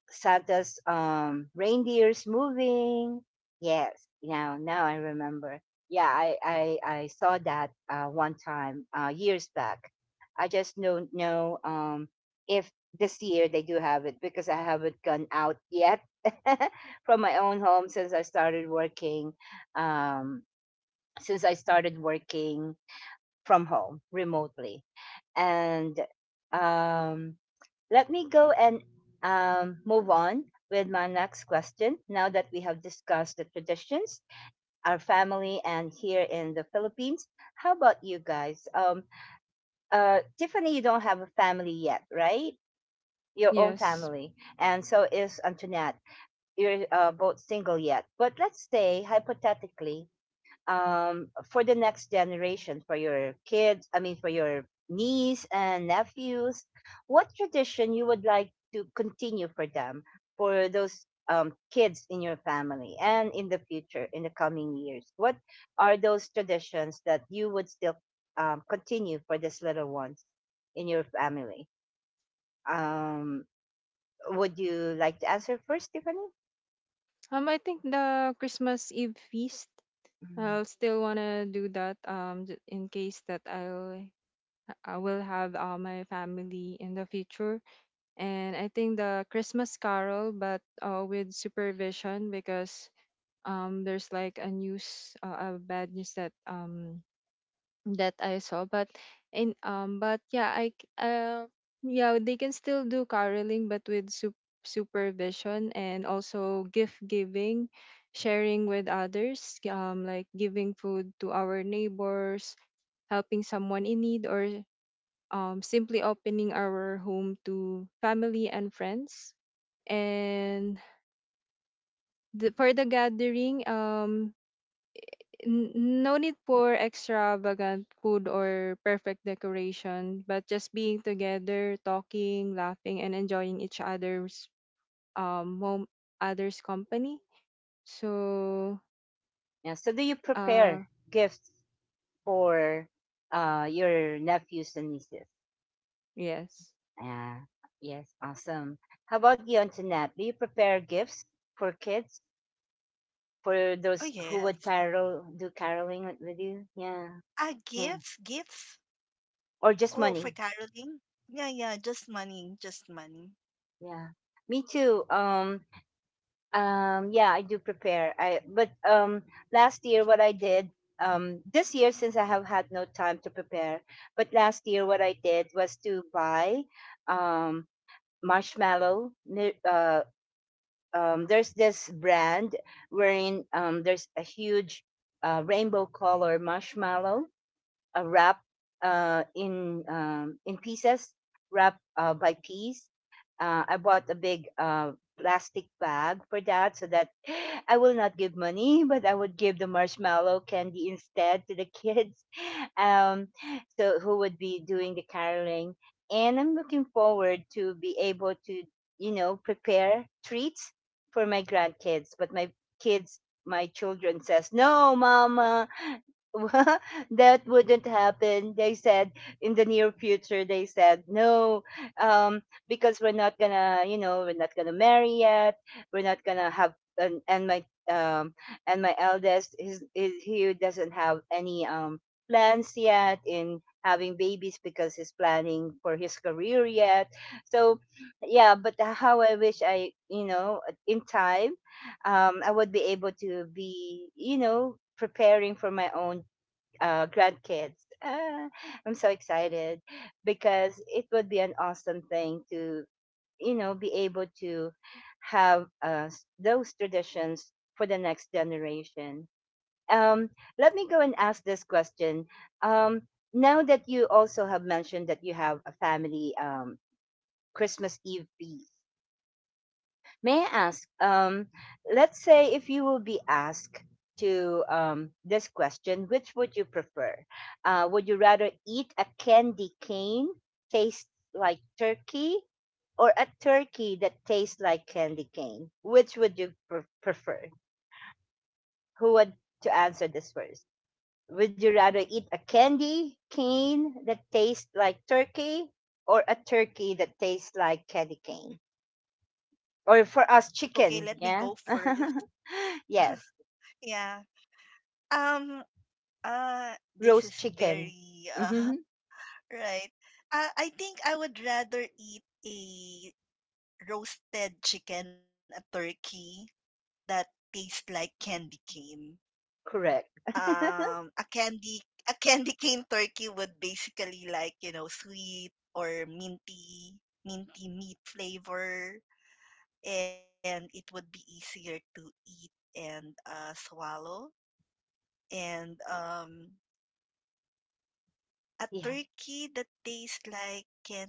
A: Santa's um reindeers moving. Yes, now now I remember. Yeah, I I, I saw that uh, one time uh, years back. I just don't know um if this year they do have it because I haven't gone out yet from my own home since I started working. Um, since I started working from home remotely. And um, let me go and um, move on with my next question. Now that we have discussed the traditions, our family, and here in the Philippines, how about you guys? Um, uh, Tiffany, you don't have a family yet, right? Your own
C: Yes.
A: family, and so is Antoinette. You're uh, both single yet, but let's say hypothetically um, for the next generation, for your kids, I mean, for your niece and nephews, what tradition you would like to continue for them, for those um, kids in your family and in the future, in the coming years? What are those traditions that you would still um, continue for these little ones in your family? Um, would you like to answer first, Tiffany?
C: Um, I think the Christmas Eve feast,
A: Mm.
C: I'll still wanna do that um j- in case that I'll I will have uh, my family in the future. And I think the Christmas Carol, but uh, with supervision, because um there's like a news, uh, a bad news that um that I saw. But in um, but yeah, I c- uh, yeah, they can still do caroling, but with sup- supervision, and also gift giving, sharing with others, um, like giving food to our neighbors, helping someone in need, or um, simply opening our home to family and friends. And the, for the gathering, um, N- no need for extravagant food or perfect decoration, but just being together, talking, laughing, and enjoying each other's um mom- others company. So,
A: Yeah. So, do you
C: uh,
A: prepare gifts for uh, your nephews and nieces.
C: yes.
A: Yeah. Yes. Awesome. How about you, Antoinette? Do you prepare gifts for kids, for
B: Oh,
A: those who
B: yes.
A: would carol, do caroling with with you? Yeah,
B: Ah,
A: yeah.
B: gifts, gifts.
A: Or
B: Oh,
A: just
B: for
A: money?
B: caroling. Yeah, yeah, just money, just money.
A: Yeah. Me too. Um. Um. Yeah, I do prepare. I but um last year what I did. Um, this year, since I have had no time to prepare, but last year what I did was to buy um, marshmallow, mi- uh, um, there's this brand wherein um, there's a huge uh, rainbow color marshmallow uh, wrapped uh, in um, in pieces, wrapped uh, by piece. Uh, I bought a big uh, plastic bag for that, so that I will not give money, but I would give the marshmallow candy instead to the kids. um, so who would be doing the caroling. And I'm looking forward to be able to, you know, prepare treats for my grandkids. But my kids, my children says, no, mama, that wouldn't happen. They said in the near future, they said no, um, because we're not gonna, you know, we're not gonna marry yet. We're not gonna have. And, and my um and my eldest his is he doesn't have any um plans yet in having babies because he's planning for his career yet. So yeah, but how I wish I you know in time um, I would be able to be, you know, preparing for my own uh, grandkids. Ah, I'm so excited because it would be an awesome thing to, you know, be able to have uh, s- those traditions for the next generation. Um, let me go and ask this question. Um, now that you also have mentioned that you have a family um, Christmas Eve feast, may I ask, um, let's say if you will be asked to um, this question, which would you prefer? Uh, would you rather eat a candy cane taste like turkey or a turkey that tastes like candy cane? Which would you pre- prefer? Who would to answer this first? Would you rather eat a candy cane that tastes like turkey or a turkey that tastes like candy cane?
B: Okay,
A: Or
B: let me
A: for
B: go
A: us chicken,
B: first.
A: yeah.
B: Yeah.
A: Yes,
B: Um uh this is
A: roast
B: very
A: chicken,
B: uh
A: mm-hmm,
B: right. Uh I think I would rather eat a roasted chicken, a turkey that tastes like candy cane.
A: correct.
B: Um a candy a candy cane turkey would basically like, you know, sweet or minty minty meat flavor, and it would be easier to eat and uh swallow. And um a turkey that
A: Yeah.
B: tastes like candy cane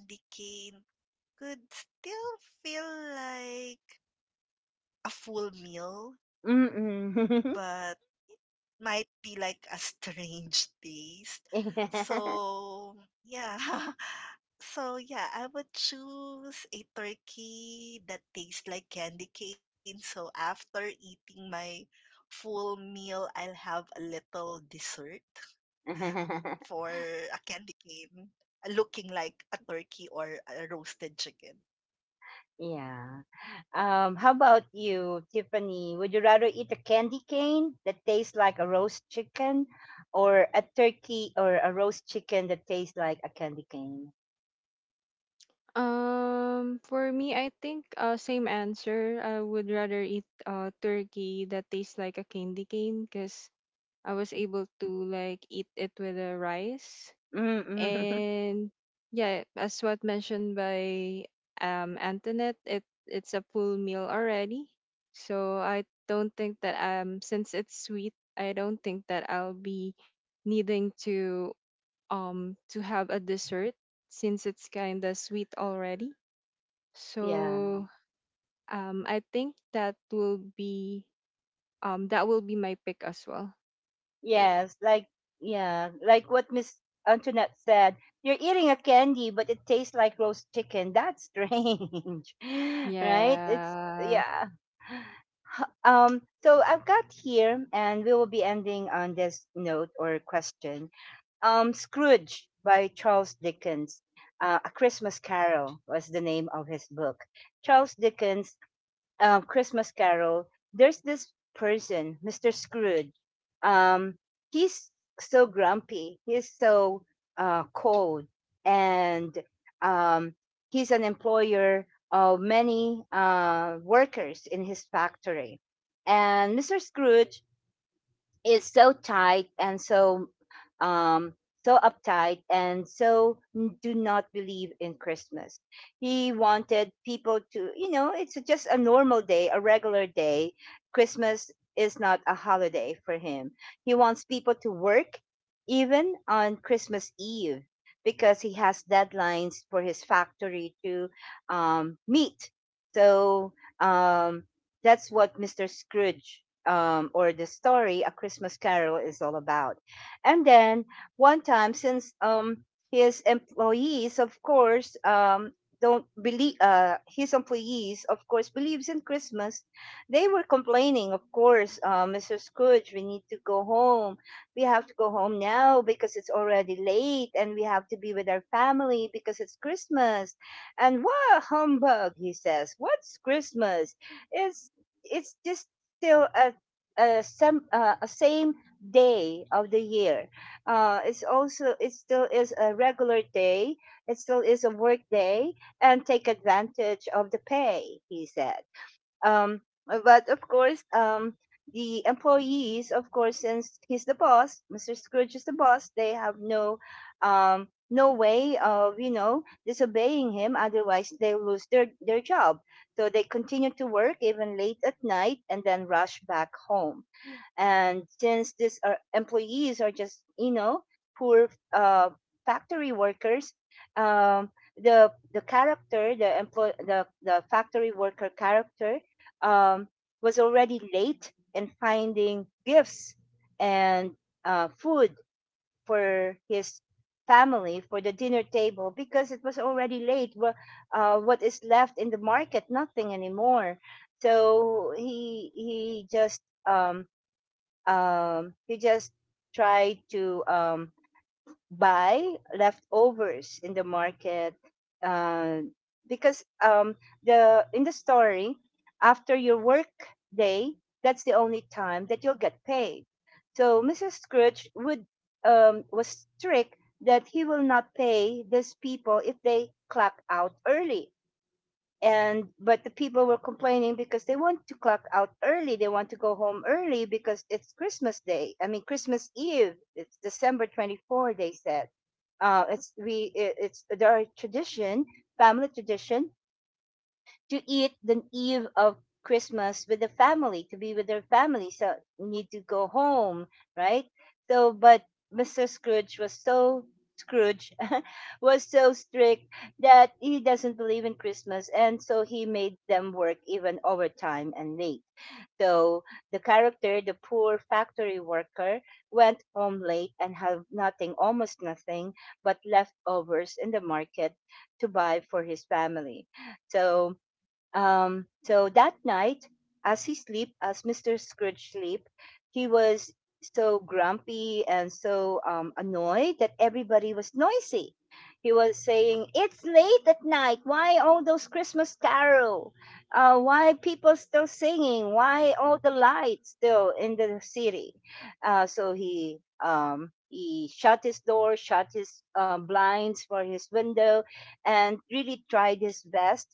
B: could still feel like a full meal, but
A: Mm-mm.
B: might be like a strange taste. So, yeah. So, yeah, I would choose a turkey that tastes like candy cane. So, after eating my full meal, I'll have a little dessert, for a candy cane uh, looking like a turkey or a roasted chicken.
A: Yeah. um how about you Tiffany, would you rather eat a candy cane that tastes like a roast chicken, or a turkey or a roast chicken that tastes like a candy cane?
C: Um, for me, I think uh, same answer. I would rather eat uh turkey that tastes like a candy cane, because I was able to like eat it with a rice.
A: Mm-mm.
C: And yeah, as what mentioned by um Antoinette, it it's a full meal already, so I don't think that, um, since it's sweet, I don't think that I'll be needing to um to have a dessert, since it's kind of sweet already.
A: Yeah.
C: So um I think that will be, um that will be my pick as well. Eh,
A: Yes, like yeah, like what Miss Antoinette said. You're eating a candy, but it tastes like roast chicken. That's strange, right? It's
C: yeah.
A: yeah. Um, so I've got here, and we will be ending on this note or question. Um, Scrooge by Charles Dickens. Uh, a Christmas Carol was the name of his book. Charles Dickens, um, Christmas Carol, there's this person, Mister Scrooge. Um, he's so grumpy. He's so uh, cold, and um, he's an employer of many uh, workers in his factory. And Mister Scrooge is so tight and so um so uptight and so n- do not believe in Christmas. He wanted people to, you know it's just a normal day, a regular day. Christmas is not a holiday for him. He wants people to work even on Christmas Eve because he has deadlines for his factory to um, meet. So, um, that's what Mr. Scrooge, um, or the story A Christmas Carol is all about. And then one time, since, um, his employees, of course, um, don't believe, uh, his employees, of course, believes in Christmas. They were complaining, of course, uh, Mister Scrooge, we need to go home. We have to go home now because it's already late, and we have to be with our family because it's Christmas. And what humbug, he says. What's Christmas? It's it's just still a uh, some uh, a same day of the year. Uh, it's also it still is a regular day. It still is a work day, and take advantage of the pay, he said. Um, but of course, um, the employees, of course, since he's the boss, Mister Scrooge is the boss. They have no, um, no way of you know disobeying him. Otherwise, they lose their their job. So they continue to work even late at night and then rush back home. And since these are employees, are just, you know poor uh, factory workers, um, the the character, the employ the, the factory worker character, um, was already late in finding gifts and uh, food for his family for the dinner table because it was already late. Well, uh, what is left in the market? Nothing anymore. So he he just, um, um, you just try to um, buy leftovers in the market, uh, because, um, the in the story, after your work day, that's the only time that you'll get paid. So Mrs. Scrooge would, um, was strict that he will not pay these people if they clock out early. And but the people were complaining because they want to clock out early, they want to go home early because it's Christmas day, I mean Christmas Eve. It's December twenty-fourth, they said. uh it's we it, it's there are tradition, family tradition, to eat the eve of Christmas with the family, to be with their family. So you need to go home, right? So, but Mister Scrooge was so Scrooge was so strict that he doesn't believe in Christmas, and so he made them work even overtime and late. So the character, the poor factory worker, went home late and had nothing, almost nothing, but leftovers in the market to buy for his family. So um, so that night, as he sleep, as Mister Scrooge sleep, he was so grumpy and so um, annoyed that everybody was noisy. He was saying, "It's late at night. Why all those Christmas carol? Uh, why people still singing? Why all the lights still in the city?" Uh, so he, um, he shut his door, shut his uh, blinds for his window, and really tried his best,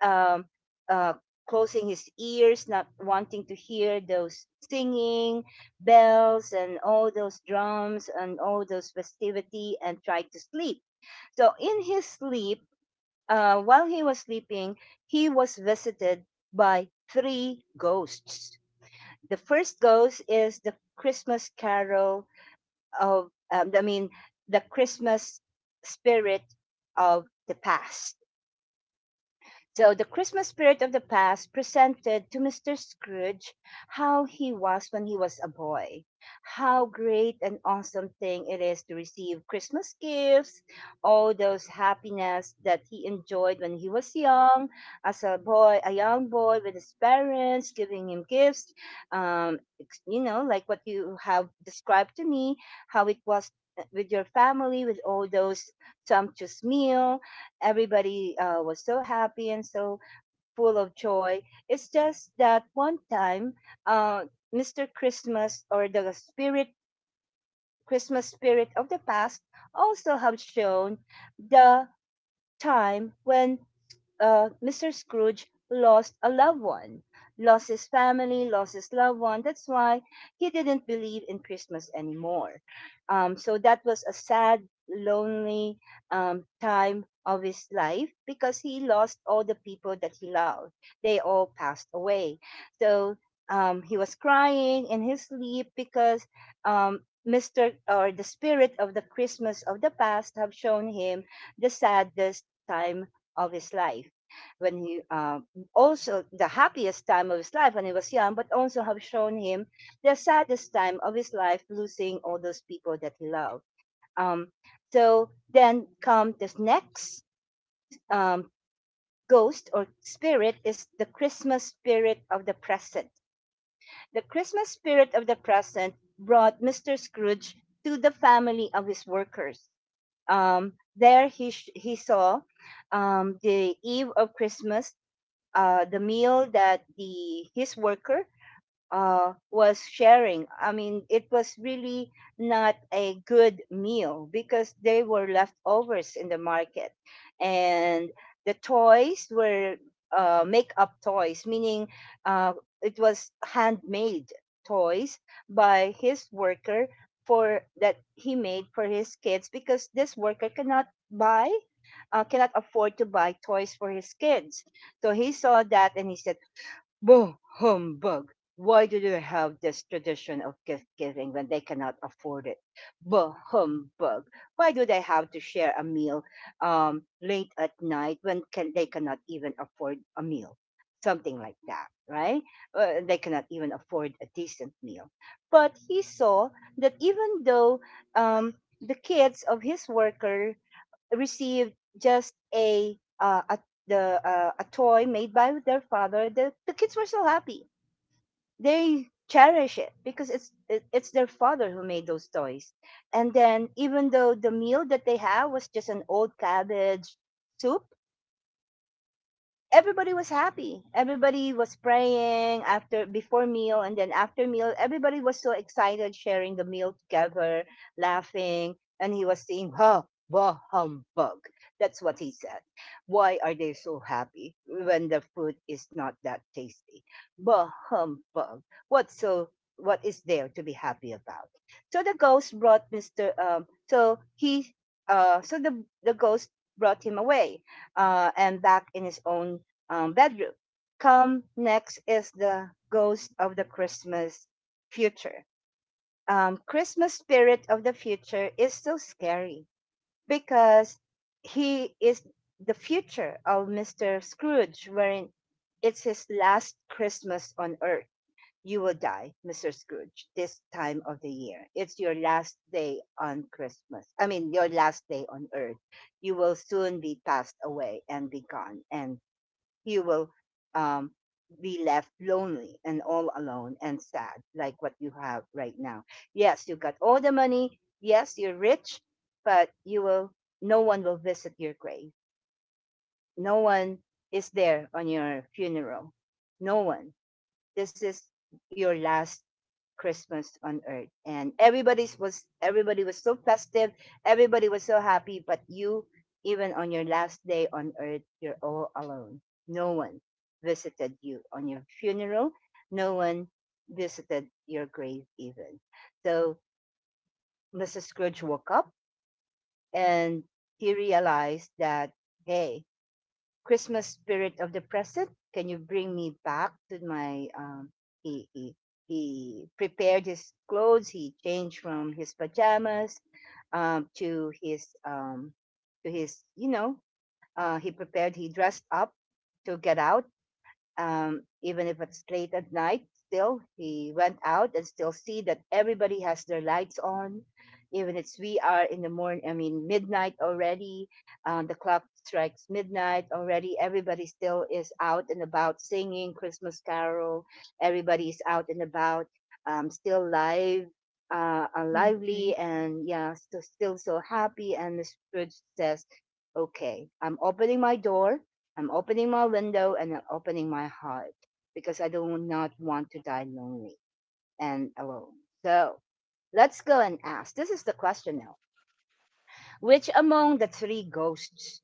A: um, uh, closing his ears, not wanting to hear those singing bells and all those drums and all those festivity, and tried to sleep. So in his sleep, uh, while he was sleeping, he was visited by three ghosts. The first ghost is the Christmas carol of, um, I mean, the Christmas spirit of the past. So the Christmas spirit of the past presented to Mister Scrooge how he was when he was a boy, how great and awesome thing it is to receive Christmas gifts, all those happiness that he enjoyed when he was young, as a boy, a young boy with his parents giving him gifts, um, ex- you know, like what you have described to me, how it was uh, with your family, with all those sumptuous meal, everybody, uh, was so happy and so full of joy. It's just that one time, uh, Mister Christmas or the spirit, Christmas spirit of the past also have shown the time when, uh, Mister Scrooge lost a loved one, lost his family, lost his loved one. That's why he didn't believe in Christmas anymore. Um, so that was a sad, lonely, um, time of his life because he lost all the people that he loved. They all passed away. So, um, he was crying in his sleep because, um, Mister or the spirit of the Christmas of the past have shown him the saddest time of his life, when he, uh, also the happiest time of his life when he was young, but also have shown him the saddest time of his life, losing all those people that he loved. Um, so then come this next, um, ghost or spirit is the Christmas spirit of the present. The Christmas spirit of the present brought Mister Scrooge to the family of his workers. Um, there he, sh- he saw, um, the eve of Christmas, uh, the meal that the his worker, uh, was sharing. I mean, it was really not a good meal because they were leftovers in the market, and the toys were uh, make-up toys, meaning uh, it was handmade toys by his worker for that he made for his kids because this worker cannot buy, uh, cannot afford to buy toys for his kids. So he saw that and he said, "Boo, humbug. Why do they have this tradition of gift giving when they cannot afford it? Boo, humbug. Why do they have to share a meal, um, late at night, when can, they cannot even afford a meal?" Something like that, right? Uh, they cannot even afford a decent meal. But he saw that, even though, um, the kids of his worker received just a uh, a the uh, a toy made by their father. The the kids were so happy. They cherish it because it's it, it's their father who made those toys. And then, even though the meal that they have was just an old cabbage soup, everybody was happy. Everybody was praying, after before meal and then after meal. Everybody was so excited, sharing the meal together, laughing, and he was saying, "Ha, bah, humbug." That's what he said. Why are they so happy when the food is not that tasty? Bah, humbug. What's so what is there to be happy about? So the ghost brought Mister. Um, so he. Uh, so the the ghost brought him away, uh, and back in his own, um, bedroom. Come next is the ghost of the Christmas future. Um, Christmas spirit of the future is so scary because he is the future of Mister Scrooge, wherein it's his last Christmas on earth. You will die, Mister Scrooge, this time of the year. It's your last day on Christmas. I mean, your last day on earth. You will soon be passed away and be gone. And you will, um, be left lonely and all alone and sad, like what you have right now. Yes, you got all the money. Yes, you're rich, but you will. No one will visit your grave. No one is there on your funeral. No one. This is your last Christmas on earth. And everybody's was everybody was so festive, everybody was so happy, but you, even on your last day on earth, you're all alone. No one visited you on your funeral. No one visited your grave even. So Missus Scrooge woke up and he realized that, hey, Christmas spirit of the present, can you bring me back to my, um he he he prepared his clothes, he changed from his pajamas, um to his, um to his, you know, uh he prepared he dressed up to get out, um, even if it's late at night, still he went out and still see that everybody has their lights on, even it's we are in the morning, I mean midnight already. Um, the clock strikes midnight already. Everybody still is out and about singing Christmas carol. Everybody is out and about, um, still live, uh, are lively.
C: Okay.
A: And yeah, still, still so happy. And the spirit says, okay, I'm opening my door. I'm opening my window and I'm opening my heart because I do not want to die lonely and alone. So let's go and ask. This is the question now. Which among the three ghosts,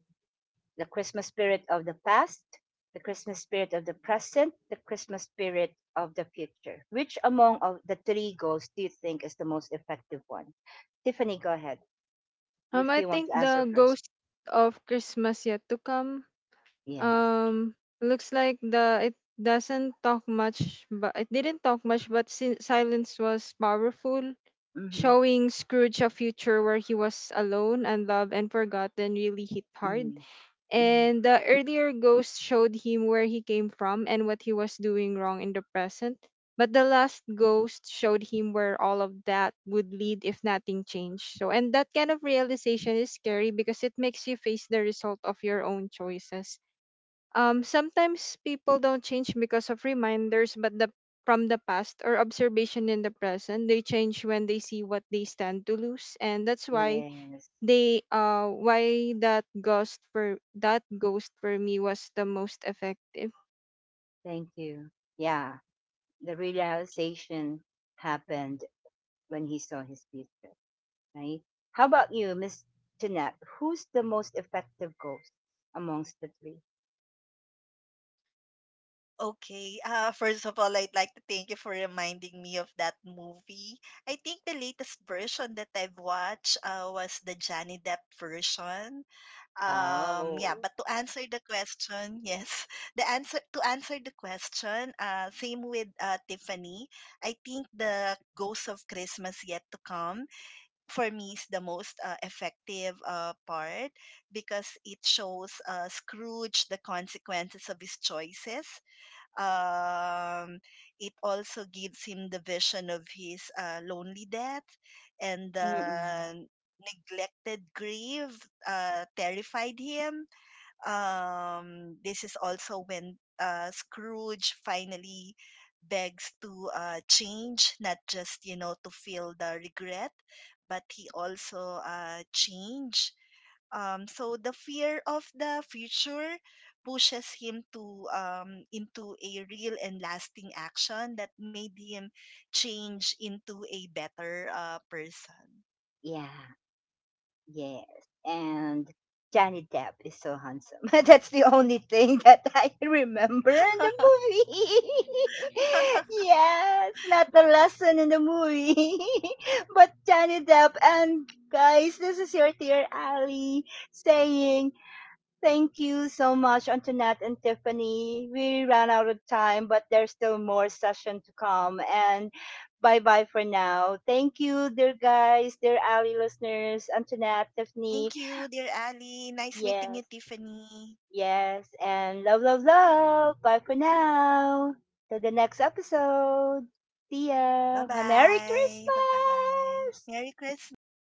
A: the Christmas spirit of the past, the Christmas spirit of the present, the Christmas spirit of the future, which among of the three ghosts do you think is the most effective one? Tiffany, go ahead,
C: Um,
A: if
C: I
A: you want
C: think
A: to answer
C: the
A: first.
C: ghost of Christmas yet to come.
A: Yes.
C: Um, looks like the it doesn't talk much, but it didn't talk much, but si- silence was powerful,
A: Mm-hmm.
C: showing Scrooge a future where he was alone and loved and forgotten really hit hard.
A: Mm-hmm. Hmm.
C: And the earlier ghost showed him where he came from and what he was doing wrong in the present. But the last ghost showed him where all of that would lead if nothing changed. So, and that kind of realization is scary because it makes you face the result of your own choices. Um, sometimes people don't change because of reminders, but the from the past or observation in the present, they change when they see what they stand to lose, and that's why
A: Yes.
C: they uh why that ghost for that ghost for me was the most effective
A: Thank you. Yeah, the realization happened when he saw his future, right? How about you, Miss Jeanette? Who's the most effective ghost amongst the three?
B: Okay. Uh, first of all, I'd like to thank you for reminding me of that movie. I think the latest version that I've watched uh, was the Johnny Depp version. Um, yeah, but to answer
A: Wow.
B: the question, yes, the answer to answer the question, uh, same with uh, Tiffany. I think the Ghost of Christmas Yet to Come for me is the most uh, effective uh, part, because it shows uh, Scrooge the consequences of his choices. Um, it also gives him the vision of his uh, lonely death, and the
A: Mm-mm.
B: neglected grave uh, terrified him um, This is also when uh, Scrooge finally begs to uh, change, not just, you know to feel the regret, but he also uh, change. Um, so the fear of the future pushes him to um, into a real and lasting action that made him change into a better uh, person.
A: Yeah. Yes. And Johnny Depp is so handsome. That's the only thing that I remember in the movie. Yes, not the lesson in the movie. But Johnny Depp, and guys, this is your dear Ali saying, thank you so much, Antoinette and Tiffany. We ran out of time, but there's still more session to come. And bye bye for now. Thank you, dear guys, dear Ali listeners, Antoinette,
B: Thank you,
A: Tiffany.
B: dear Ali. Nice meeting you,
A: Yes,
B: Tiffany.
A: yes. And love, love, love. Bye for now. Till the next episode. See ya. Merry
B: Bye-bye. Bye-bye. Merry
A: Christmas.
B: Christmas.